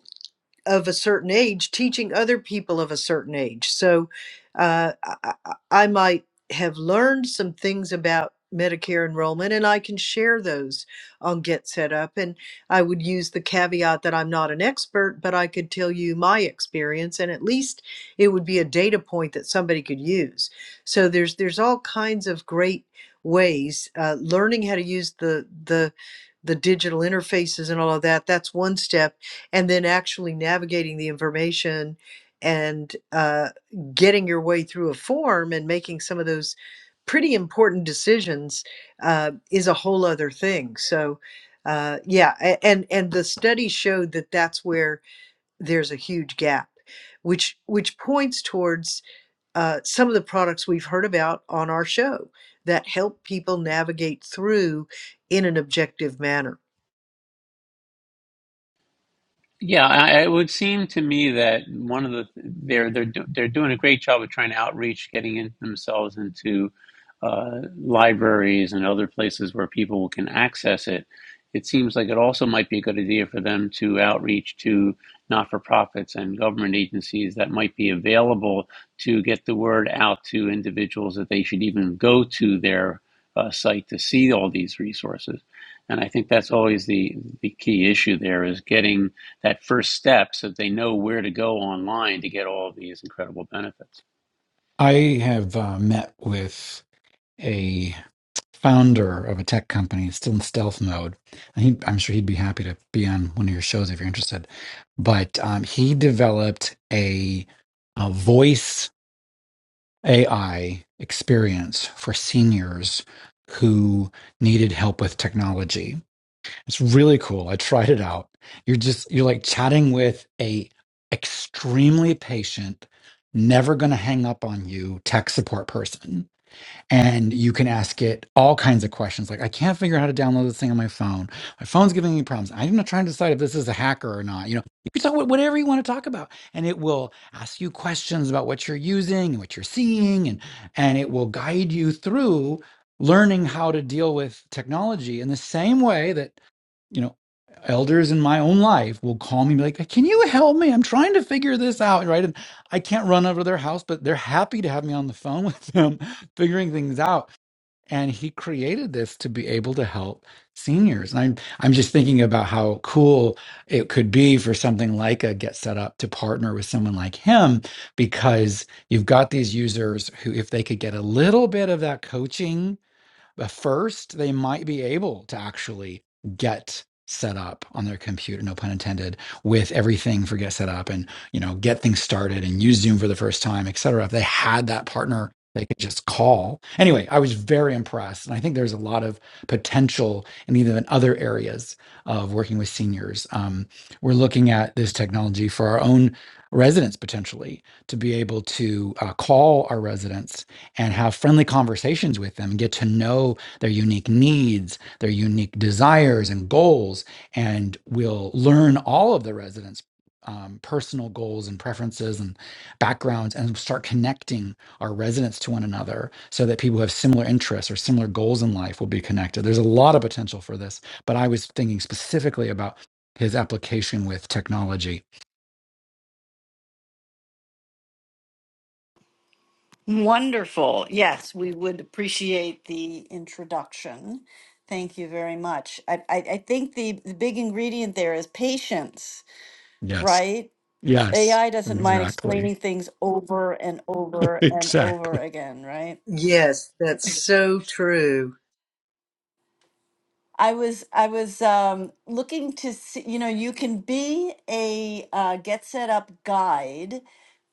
Speaker 1: of a certain age teaching other people of a certain age. So uh, I, I might have learned some things about Medicare enrollment, and I can share those on Get Set Up. And I would use the caveat that I'm not an expert, but I could tell you my experience, and at least it would be a data point that somebody could use. So there's there's all kinds of great ways. Uh, learning how to use the the the digital interfaces and all of that that's one step and then actually navigating the information and uh, getting your way through a form and making some of those pretty important decisions uh, is a whole other thing. So, uh, yeah, a- and and the study showed that that's where there's a huge gap, which which points towards uh, some of the products we've heard about on our show that help people navigate through in an objective manner.
Speaker 3: Yeah, I, it would seem to me that one of the they're they're do, they're doing a great job of trying to outreach, getting in, themselves into uh, libraries and other places where people can access it. It seems like it also might be a good idea for them to outreach to not-for-profits and government agencies that might be available to get the word out to individuals that they should even go to their uh, site to see all these resources. And I think that's always the the key issue there is getting that first step so that they know where to go online to get all of these incredible benefits.
Speaker 4: I have uh, met with a founder of a tech company, still in stealth mode. And he, I'm sure he'd be happy to be on one of your shows if you're interested. But um, he developed a, a voice AI experience for seniors who needed help with technology. It's really cool. I tried it out. You're just you're like chatting with a extremely patient, never going to hang up on you tech support person and you can ask it all kinds of questions like i can't figure out how to download this thing on my phone my phone's giving me problems i'm not trying to decide if this is a hacker or not you know you can talk about whatever you want to talk about and it will ask you questions about what you're using and what you're seeing and and it will guide you through learning how to deal with technology in the same way that you know, elders in my own life will call me and be like, Can you help me? I'm trying to figure this out, right? And I can't run over to their house, but they're happy to have me on the phone with them, figuring things out. And he created this to be able to help seniors. And I'm I'm just thinking about how cool it could be for something like a Get Set Up to partner with someone like him, because you've got these users who, if they could get a little bit of that coaching but first, they might be able to actually get set up on their computer, no pun intended, with everything for get set up and, you know, get things started and use Zoom for the first time, et cetera. If they had that partner, they could just call. Anyway, I was very impressed. And I think there's a lot of potential in even other areas of working with seniors. Um, we're looking at this technology for our own residents potentially to be able to uh, call our residents and have friendly conversations with them get to know their unique needs, their unique desires and goals. And we'll learn all of the residents' um, personal goals and preferences and backgrounds and start connecting our residents to one another so that people who have similar interests or similar goals in life will be connected. There's a lot of potential for this, but I was thinking specifically about his application with technology.
Speaker 2: Wonderful. Yes, we would appreciate the introduction. Thank you very much. I, I, I think the, the big ingredient there is patience,
Speaker 4: Yes.
Speaker 2: right?
Speaker 4: Yes.
Speaker 2: AI doesn't mind
Speaker 4: Exactly.
Speaker 2: explaining things over and over and over
Speaker 4: Exactly.
Speaker 2: again, right?
Speaker 1: Yes, that's so true.
Speaker 2: I was I was um, looking to see, you know, you can be a uh, get set up guide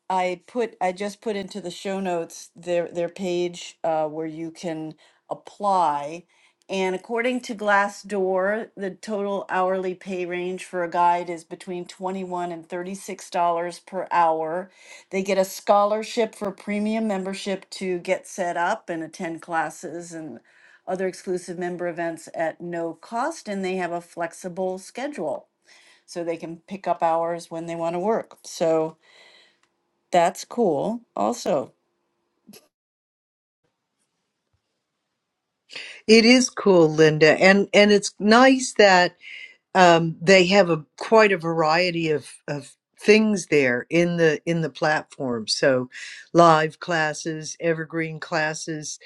Speaker 2: I put I just put into the show notes their their page uh, where you can apply. And according to Glassdoor, the total hourly pay range for a guide is between 21 and $36 per hour. They get a scholarship for premium membership to get set up and attend classes and other exclusive member events at no cost. And they have a flexible schedule so they can pick up hours when they want to work. So that's cool. Also,
Speaker 1: It is cool, Linda, and and it's nice that um, they have a quite a variety of of things there in the in the platform. So, live classes, evergreen classes,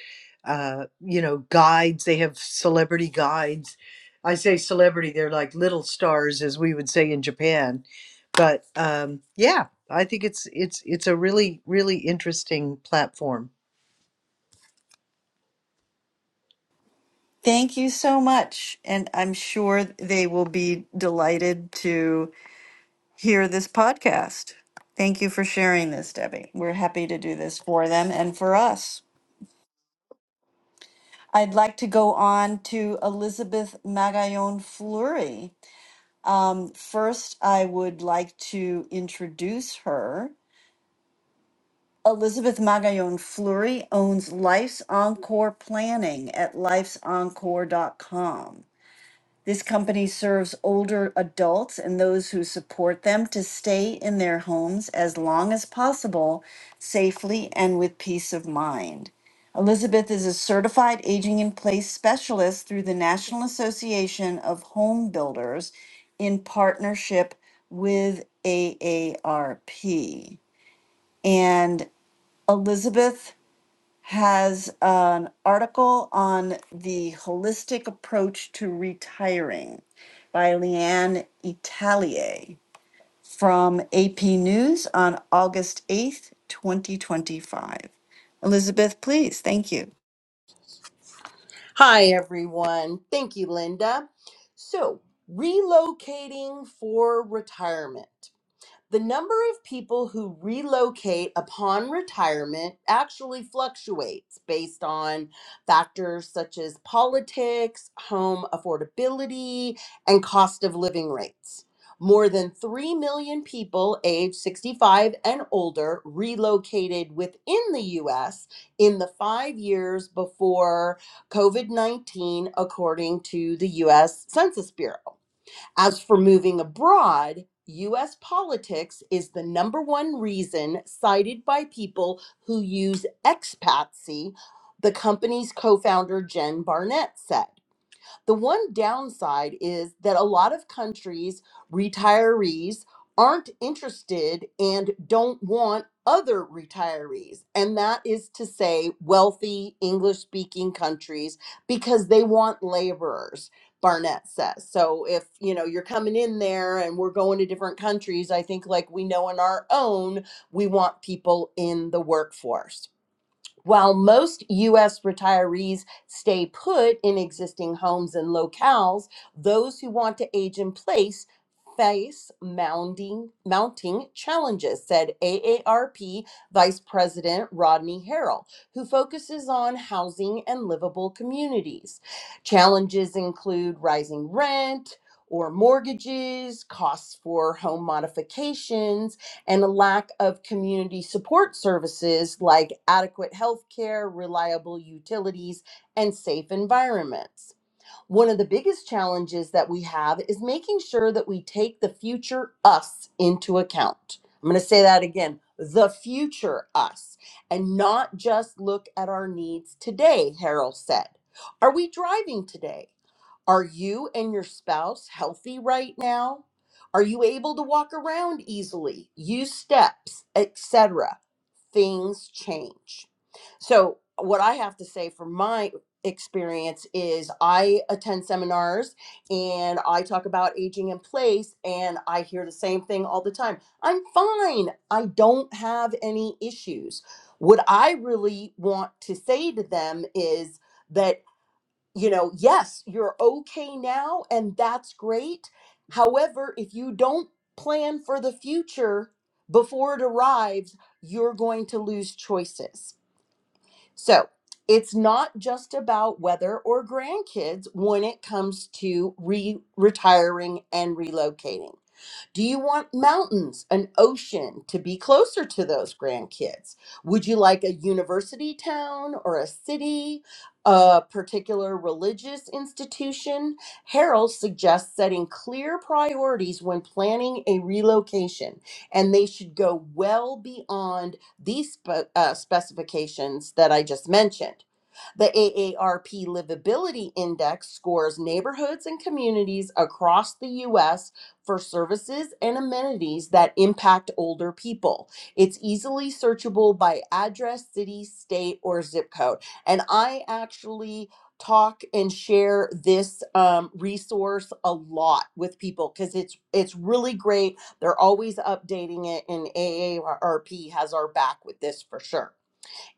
Speaker 1: uh, you know, guides. They have celebrity guides. I say celebrity; they're like little stars, as we would say in Japan. But um, yeah, I think it's it's it's a really really interesting platform.
Speaker 2: thank you so much. And I'm sure they will be delighted to hear this podcast. Thank you for sharing this, Debbie. We're happy to do this for them and for us. I'd like to go on to Elizabeth Magallon Fleury. First, I would like to introduce her. Elizabeth Magallon Fleury owns Life's Encore Planning at lifesencore dot com. This company serves older adults and those who support them to stay in their homes as long as possible, safely and with peace of mind. Elizabeth is a certified aging in place specialist through the National Association of Home Builders in partnership with AARP. And Elizabeth has an article on the holistic approach to retiring by Leanne Italier from AP News on August 8th, 2025. Elizabeth, please. Thank you.
Speaker 5: Hi, everyone. Thank you, Linda. So, relocating for retirement. The number of people who relocate upon retirement actually fluctuates based on factors such as politics, home affordability, and cost of living rates. More than 3 million people age 65 and older relocated within the US in the five years before COVID 19, according to the US Census Bureau. As for moving abroad, US politics is the number one reason cited by people who use expatsy, the company's co founder Jen Barnett said. The one downside is that a lot of countries' retirees aren't interested and don't want other retirees. And that is to say, wealthy English speaking countries because they want laborers. Barnett says. So if, you know, you're coming in there and we're going to different countries, I think like we know in our own, we want people in the workforce. While most U.S. retirees stay put in existing homes and locales, those who want to age in place face mounting, mounting challenges, said AARP Vice President Rodney Harrell, who focuses on housing and livable communities. Challenges include rising rent. Or mortgages, costs for home modifications, and a lack of community support services like adequate health care, reliable utilities, and safe environments. One of the biggest challenges that we have is making sure that we take the future us into account. I'm going to say that again the future us, and not just look at our needs today, Harold said. Are we driving today? Are you and your spouse healthy right now? Are you able to walk around easily, use steps, etc.? things change. So, what I have to say from my experience is I attend seminars and I talk about aging in place, and I hear the same thing all the time I'm fine. I don't have any issues. What I really want to say to them is, that you know, yes, you're okay now, and that's great. However, if you don't plan for the future before it arrives, you're going to lose choices. So it's not just about whether or grandkids when it comes to re retiring and relocating. Do you want mountains, an ocean to be closer to those grandkids? Would you like a university town or a city, a particular religious institution? Harold suggests setting clear priorities when planning a relocation, and they should go well beyond these spe- uh, specifications that I just mentioned. The AARP Livability Index scores neighborhoods and communities across the U.S for services and amenities that impact older people. It's easily searchable by address, city, state, or zip code. And I actually talk and share this um, resource a lot with people because it's it's really great. They're always updating it, and AARP has our back with this for sure.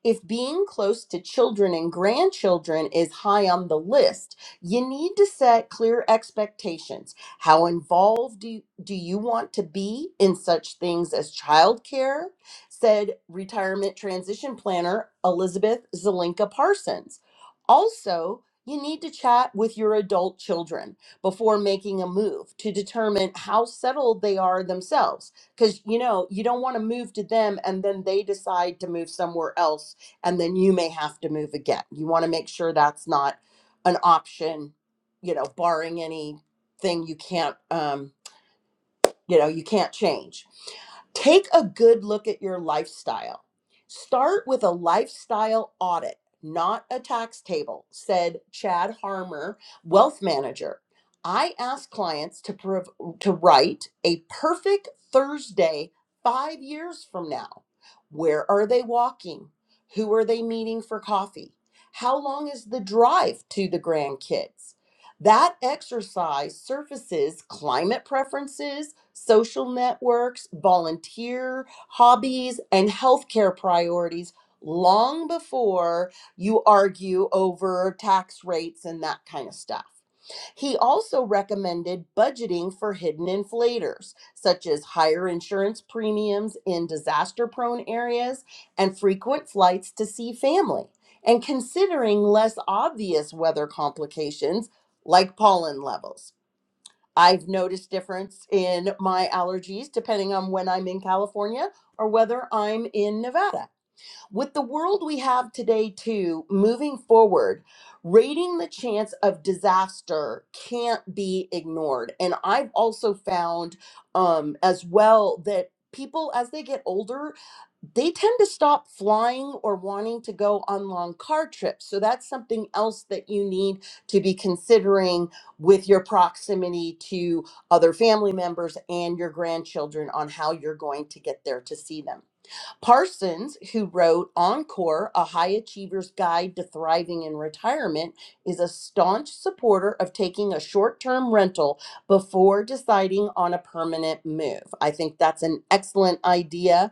Speaker 5: If being close to children and grandchildren is high on the list, you need to set clear expectations. How involved do you, do you want to be in such things as childcare? Said retirement transition planner Elizabeth Zelinka Parsons. Also, you need to chat with your adult children before making a move to determine how settled they are themselves because you know you don't want to move to them and then they decide to move somewhere else and then you may have to move again. You want to make sure that's not an option, you know, barring anything you can't, um, you know, you can't change Take a good look at your lifestyle. Start with a lifestyle audit, not a tax table, said Chad Harmer, wealth manager. I ask clients to, prov- to write a perfect Thursday five years from now. Where are they walking? Who are they meeting for coffee? How long is the drive to the grandkids? That exercise surfaces climate preferences, social networks, volunteer hobbies, and healthcare priorities long before you argue over tax rates and that kind of stuff. He also recommended budgeting for hidden inflators, such as higher insurance premiums in disaster prone areas and frequent flights to see family, and considering less obvious weather complications like pollen levels. I've noticed difference in my allergies depending on when I'm in California or whether I'm in Nevada. With the world we have today too, moving forward, rating the chance of disaster can't be ignored. And I've also found um as well that people as they get older they tend to stop flying or wanting to go on long car trips. So that's something else that you need to be considering with your proximity to other family members and your grandchildren on how you're going to get there to see them. Parsons, who wrote Encore, A High Achiever's Guide to Thriving in Retirement, is a staunch supporter of taking a short term rental before deciding on a permanent move. I think that's an excellent idea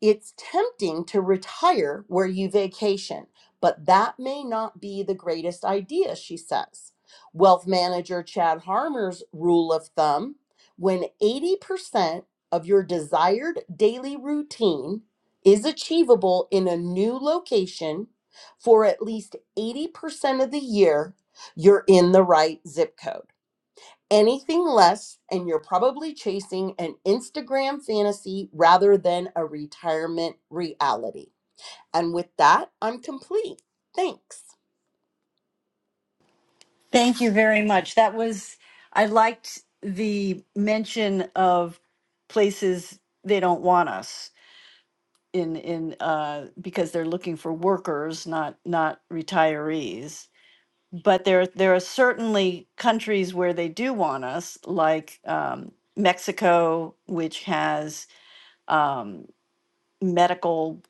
Speaker 5: it's tempting to retire where you vacation, but that may not be the greatest idea, she says. Wealth manager Chad Harmer's rule of thumb when 80% of your desired daily routine is achievable in a new location for at least 80% of the year, you're in the right zip code. Anything less, and you're probably chasing an Instagram fantasy rather than a retirement reality. And with that, I'm complete. Thanks.
Speaker 2: Thank you very much. That was, I liked the mention of places they don't want us in in uh because they're looking for workers not not retirees but there there are certainly countries where they do want us, like um, Mexico, which has um, medical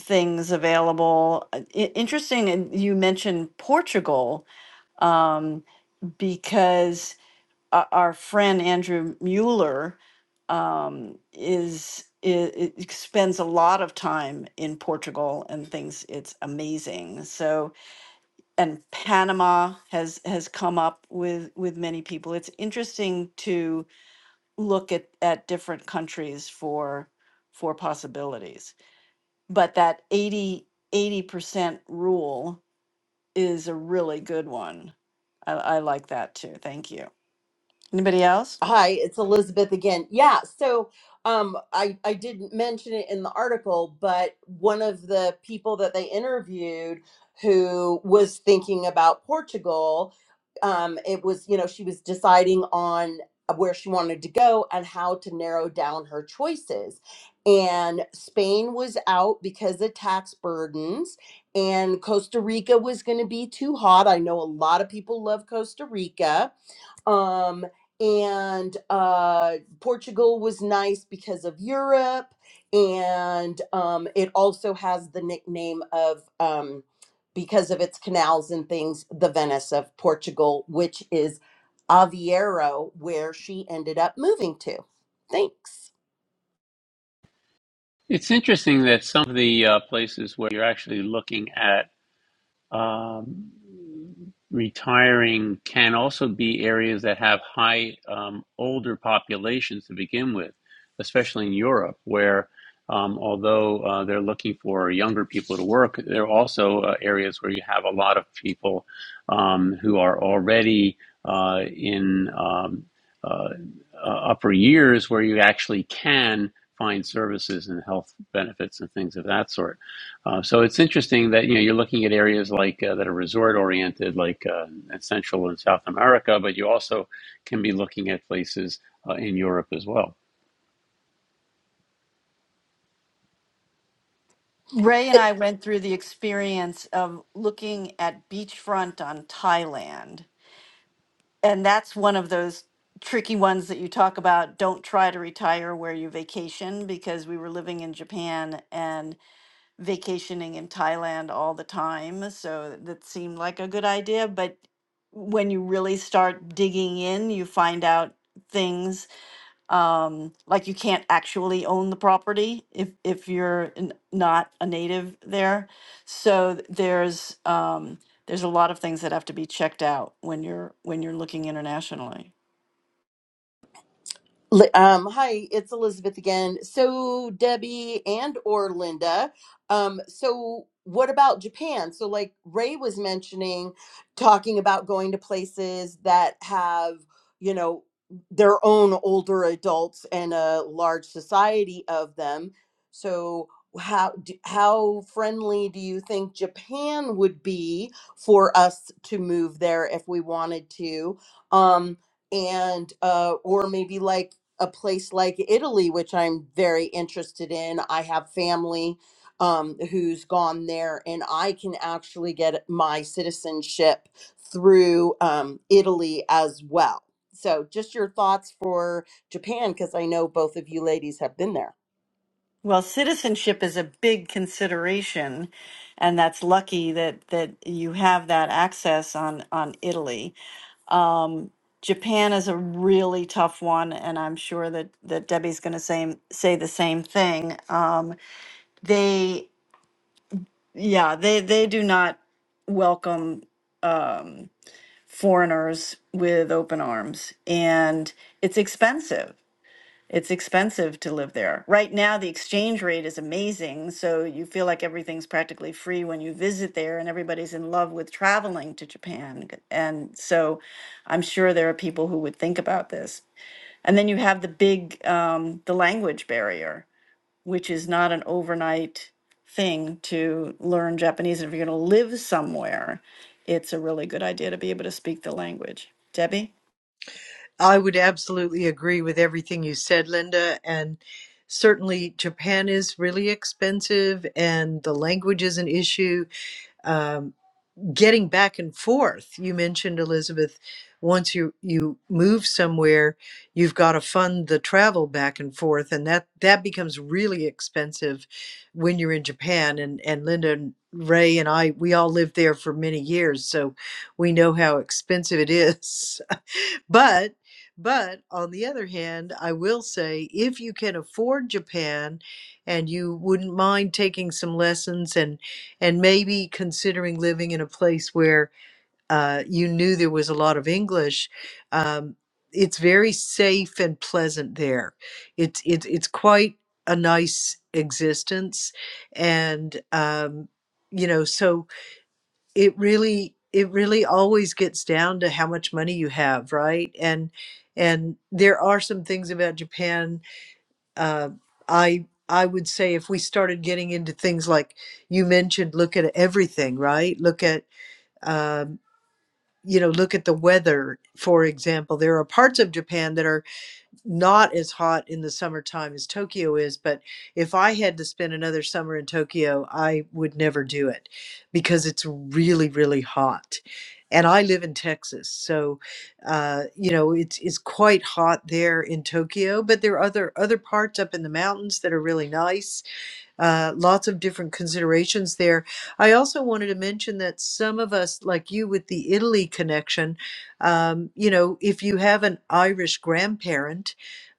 Speaker 2: things available. Uh, i- interesting, and you mentioned Portugal um, because our, our friend Andrew Mueller um, is. It spends a lot of time in Portugal and thinks it's amazing. So and Panama has has come up with with many people. It's interesting to look at at different countries for for possibilities. But that eighty eighty percent rule is a really good one. I, I like that too. Thank you. Anybody else?
Speaker 5: Hi, it's Elizabeth again. Yeah, so um, I I didn't mention it in the article, but one of the people that they interviewed who was thinking about Portugal, um, it was you know she was deciding on where she wanted to go and how to narrow down her choices, and Spain was out because of tax burdens, and Costa Rica was going to be too hot. I know a lot of people love Costa Rica um and uh Portugal was nice because of Europe and um it also has the nickname of um because of its canals and things the Venice of Portugal which is Aveiro where she ended up moving to thanks
Speaker 3: It's interesting that some of the uh, places where you're actually looking at Um, retiring can also be areas that have high um, older populations to begin with, especially in Europe, where um, although uh, they're looking for younger people to work, there are also uh, areas where you have a lot of people um, who are already uh, in um, uh, uh, upper years where you actually can find services and health benefits and things of that sort. Uh, so it's interesting that you know you're looking at areas like uh, that are resort oriented, like uh, Central and South America, but you also can be looking at places uh, in Europe as well.
Speaker 2: Ray and I went through the experience of looking at beachfront on Thailand and that's one of those tricky ones that you talk about don't try to retire where you vacation because we were living in Japan and vacationing in Thailand all the time so that seemed like a good idea but when you really start digging in you find out things um like you can't actually own the property if if you're n- not a native there so th- there's um there's a lot of things that have to be checked out when you're when you're looking internationally
Speaker 5: Li- Um, hi, it's Elizabeth again. So Debbie and or Linda. Um, so what about Japan? So like Ray was mentioning, talking about going to places that have, you know, their own older adults and a large society of them. So how d- how friendly do you think Japan would be for us to move there if we wanted to? Um, and uh or maybe like a place like Italy, which I'm very interested in. I have family um, who's gone there, and I can actually get my citizenship through um, Italy as well. So, just your thoughts for Japan, because I know both of you ladies have been there.
Speaker 2: well citizenship is a big consideration and that's lucky that that you have that access on on Italy Japan is a really tough one and I'm sure that that Debbie's going to say say the same thing um they yeah, they they do not welcome um, foreigners with open arms, and it's expensive. It's expensive to live there. Right now, the exchange rate is amazing, so you feel like everything's practically free when you visit there, and everybody's in love with traveling to Japan. And so, I'm sure there are people who would think about this. And then you have the big, um, the language barrier which is not an overnight thing to learn Japanese. And if you're going to live somewhere, it's a really good idea to be able to speak the language. Debbie?
Speaker 1: I would absolutely agree with everything you said, Linda. And certainly, Japan is really expensive, and the language is an issue. Um, getting back and forth, you mentioned Elizabeth. Once you you move somewhere, you've got to fund the travel back and forth, and that that becomes really expensive when you're in Japan. And and Linda and Ray and I, we all lived there for many years, so we know how expensive it is. But but on the other hand, I will say if you can afford Japan and you wouldn't mind taking some lessons and and maybe considering living in a place where uh, you knew there was a lot of English, um, it's very safe and pleasant there. It's it's it's quite a nice existence, and um, you know so it really it really always gets down to how much money you have right and and there are some things about japan uh, i i would say if we started getting into things like you mentioned look at everything right look at um, you know look at the weather for example there are parts of japan that are not as hot in the summertime as Tokyo is, but if I had to spend another summer in Tokyo, I would never do it because it's really, really hot. And I live in Texas, so uh, you know it's it's quite hot there in Tokyo. But there are other other parts up in the mountains that are really nice uh, lots of different considerations there. I also wanted to mention that some of us, like you with the Italy connection, um, you know, if you have an Irish grandparent,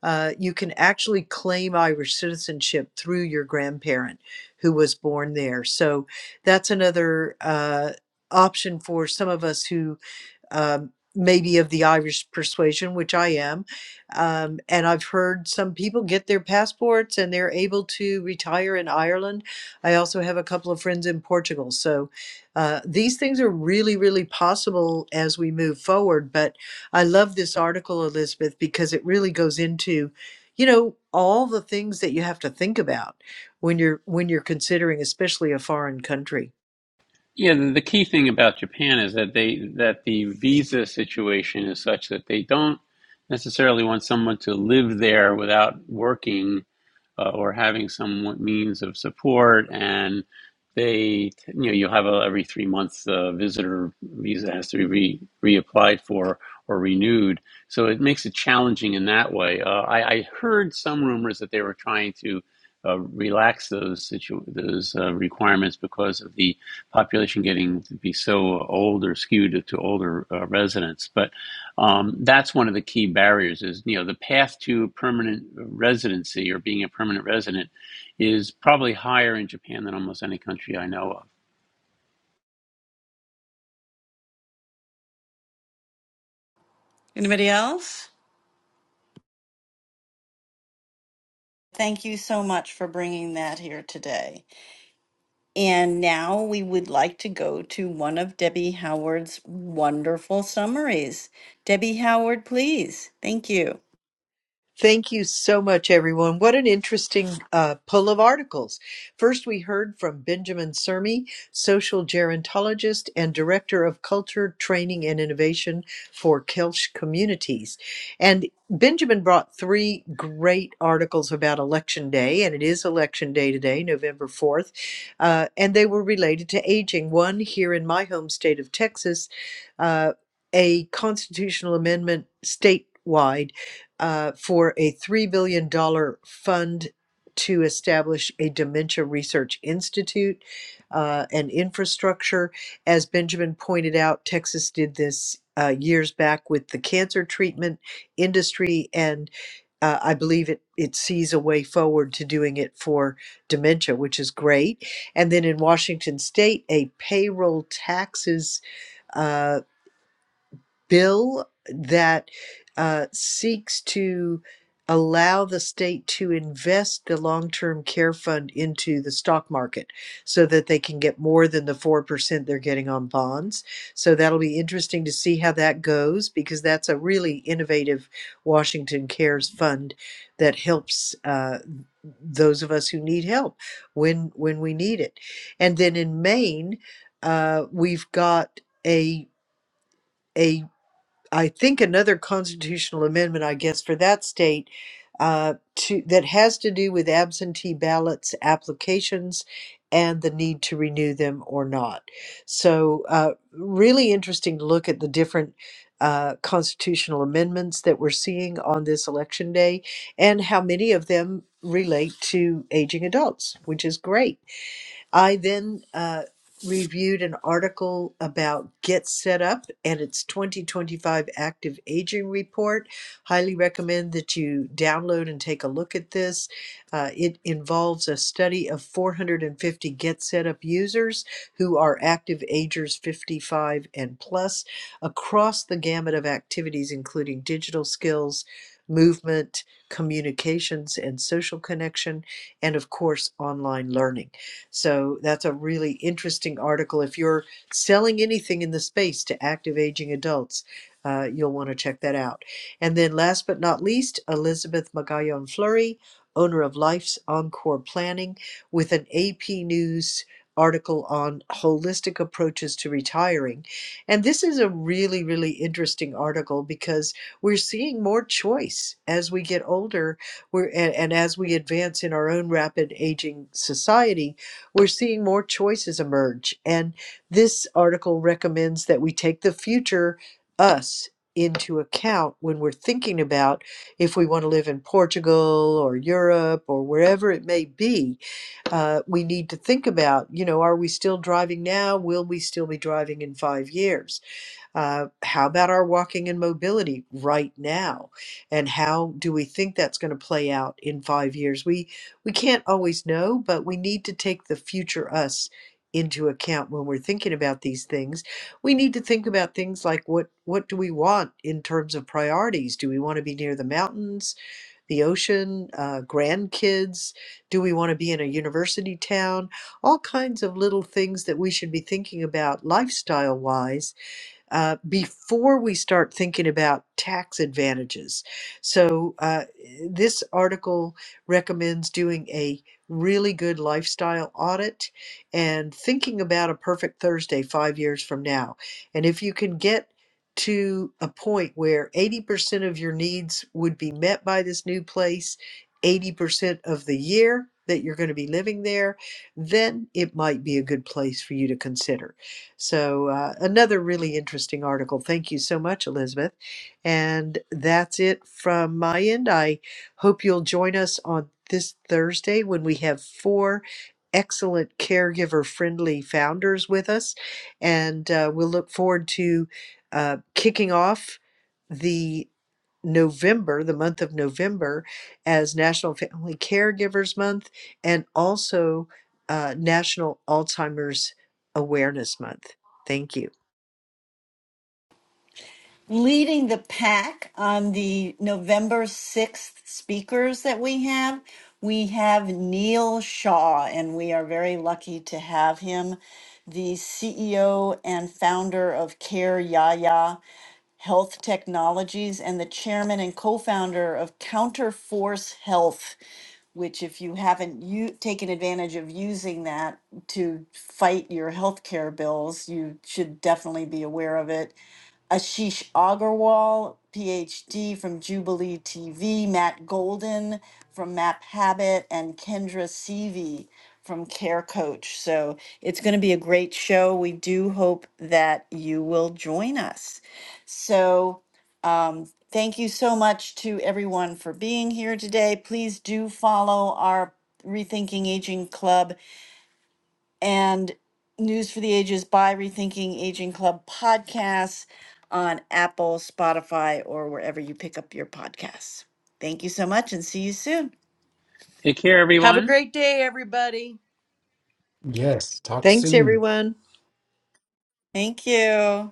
Speaker 1: uh, you can actually claim Irish citizenship through your grandparent who was born there. So that's another uh, option for some of us who um, maybe of the Irish persuasion, which I am. Um, and I've heard some people get their passports and they're able to retire in Ireland. I also have a couple of friends in Portugal. So uh, these things are really, really possible as we move forward. But I love this article, Elizabeth, because it really goes into you know all the things that you have to think about when you're when you're considering especially a foreign country
Speaker 3: Yeah, the, the key thing about Japan is that they that the visa situation is such that they don't necessarily want someone to live there without working uh, or having some means of support and they you know you'll have a every three months uh, visitor visa has to be re reapplied for or renewed so it makes it challenging in that way uh, I, I heard some rumors that they were trying to uh, relax those situ- those uh, requirements because of the population getting to be so old or skewed to older uh, residents but um, that's one of the key barriers is you know the path to permanent residency or being a permanent resident is probably higher in japan than almost any country i know of
Speaker 2: Anybody else? Thank you so much for bringing that here today. And now we would like to go to one of Debbie Howard's wonderful summaries. Debbie Howard, please. Thank you.
Speaker 1: Thank you so much, everyone. What an interesting uh, pull of articles. First, we heard from Benjamin Sermi, social gerontologist and director of culture, training, and innovation for Kelch communities. And Benjamin brought three great articles about Election Day, and it is Election Day today, November 4th, uh, and they were related to aging. One here in my home state of Texas, uh, a constitutional amendment statewide uh, for a $3 billion dollars fund to establish a dementia research institute uh, and infrastructure. As Benjamin pointed out, Texas did this uh, years back with the cancer treatment industry, and uh, I believe it, it sees a way forward to doing it for dementia, which is great. And then in Washington state, a payroll taxes. uh, bill that uh, seeks to allow the state to invest the long-term care fund into the stock market so that they can get more than the 4% they're getting on bonds. So that'll be interesting to see how that goes because that's a really innovative Washington Cares fund that helps uh, those of us who need help when when we need it. And then in Maine, uh, we've got a a I think another constitutional amendment, I guess, for that state uh, to that has to do with absentee ballots applications and the need to renew them or not. So, uh, really interesting to look at the different uh, constitutional amendments that we're seeing on this election day and how many of them relate to aging adults, which is great. I then uh, reviewed an article about Get Set Up and its 2025 Active Aging Report. Highly recommend that you download and take a look at this. Uh, it involves a study of 450 Get Set Up users who are active agers 55 and plus across the gamut of activities, including digital skills. Movement, communications, and social connection, and of course, online learning. So that's a really interesting article. If you're selling anything in the space to active aging adults, uh, you'll want to check that out. And then last but not least, Elizabeth Magallon Fleury, owner of Life's Encore Planning, with an AP News article on holistic approaches to retiring. And this is a really, really interesting article because we're seeing more choice as we get older we're, and, and as we advance in our own rapid aging society we're seeing more choices emerge. And this article recommends that we take the future us into account when we're thinking about if we want to live in Portugal or Europe or wherever it may be. Uh, we need to think about, you know, are we still driving now? Will we still be driving in five years? Uh, how about our walking and mobility right now? And how do we think that's going to play out in five years? We we can't always know, but we need to take the future us into account when we're thinking about these things. We need to think about things like what what do we want in terms of priorities? Do we want to be near the mountains, the ocean, uh, grandkids? Do we want to be in a university town? All kinds of little things that we should be thinking about lifestyle wise uh, before we start thinking about tax advantages. So, uh, this article recommends doing a really good lifestyle audit and thinking about a perfect Thursday five years from now. And if you can get to a point where 80% of your needs would be met by this new place, 80% of the year that you're going to be living there, then it might be a good place for you to consider. So, uh, another really interesting article. Thank you so much, Elizabeth. And that's it from my end. I hope you'll join us on this Thursday when we have four excellent caregiver friendly founders with us. And uh, we'll look forward to uh, kicking off. the. November, the month of November, as National Family Caregivers Month and also uh, National Alzheimer's Awareness Month. Thank you.
Speaker 2: leading the pack on the November 6th speakers that we have. We have Neil Shaw, and we are very lucky to have him, the CEO and founder of Care Yaya Health Technologies and the chairman and co founder of Counterforce Health which if you haven't you taken advantage of using that to fight your healthcare bills, you should definitely be aware of it. Ashish Agarwal, PhD from Jubilee TV, Matt Golden from Map Habit, and Kendra Seavey from Care Coach. So it's going to be a great show. We do hope that you will join us. So um, thank you so much to everyone for being here today. Please do follow our Rethinking Aging Club and News for the Ages by Rethinking Aging Club podcasts on Apple, Spotify, or wherever you pick up your podcasts. Thank you so much and see you soon.
Speaker 3: take care
Speaker 5: Have a
Speaker 3: everyone
Speaker 5: great day, everybody.
Speaker 4: Yes. Talk
Speaker 1: Thanks,
Speaker 4: soon.
Speaker 1: everyone.
Speaker 2: Thank you.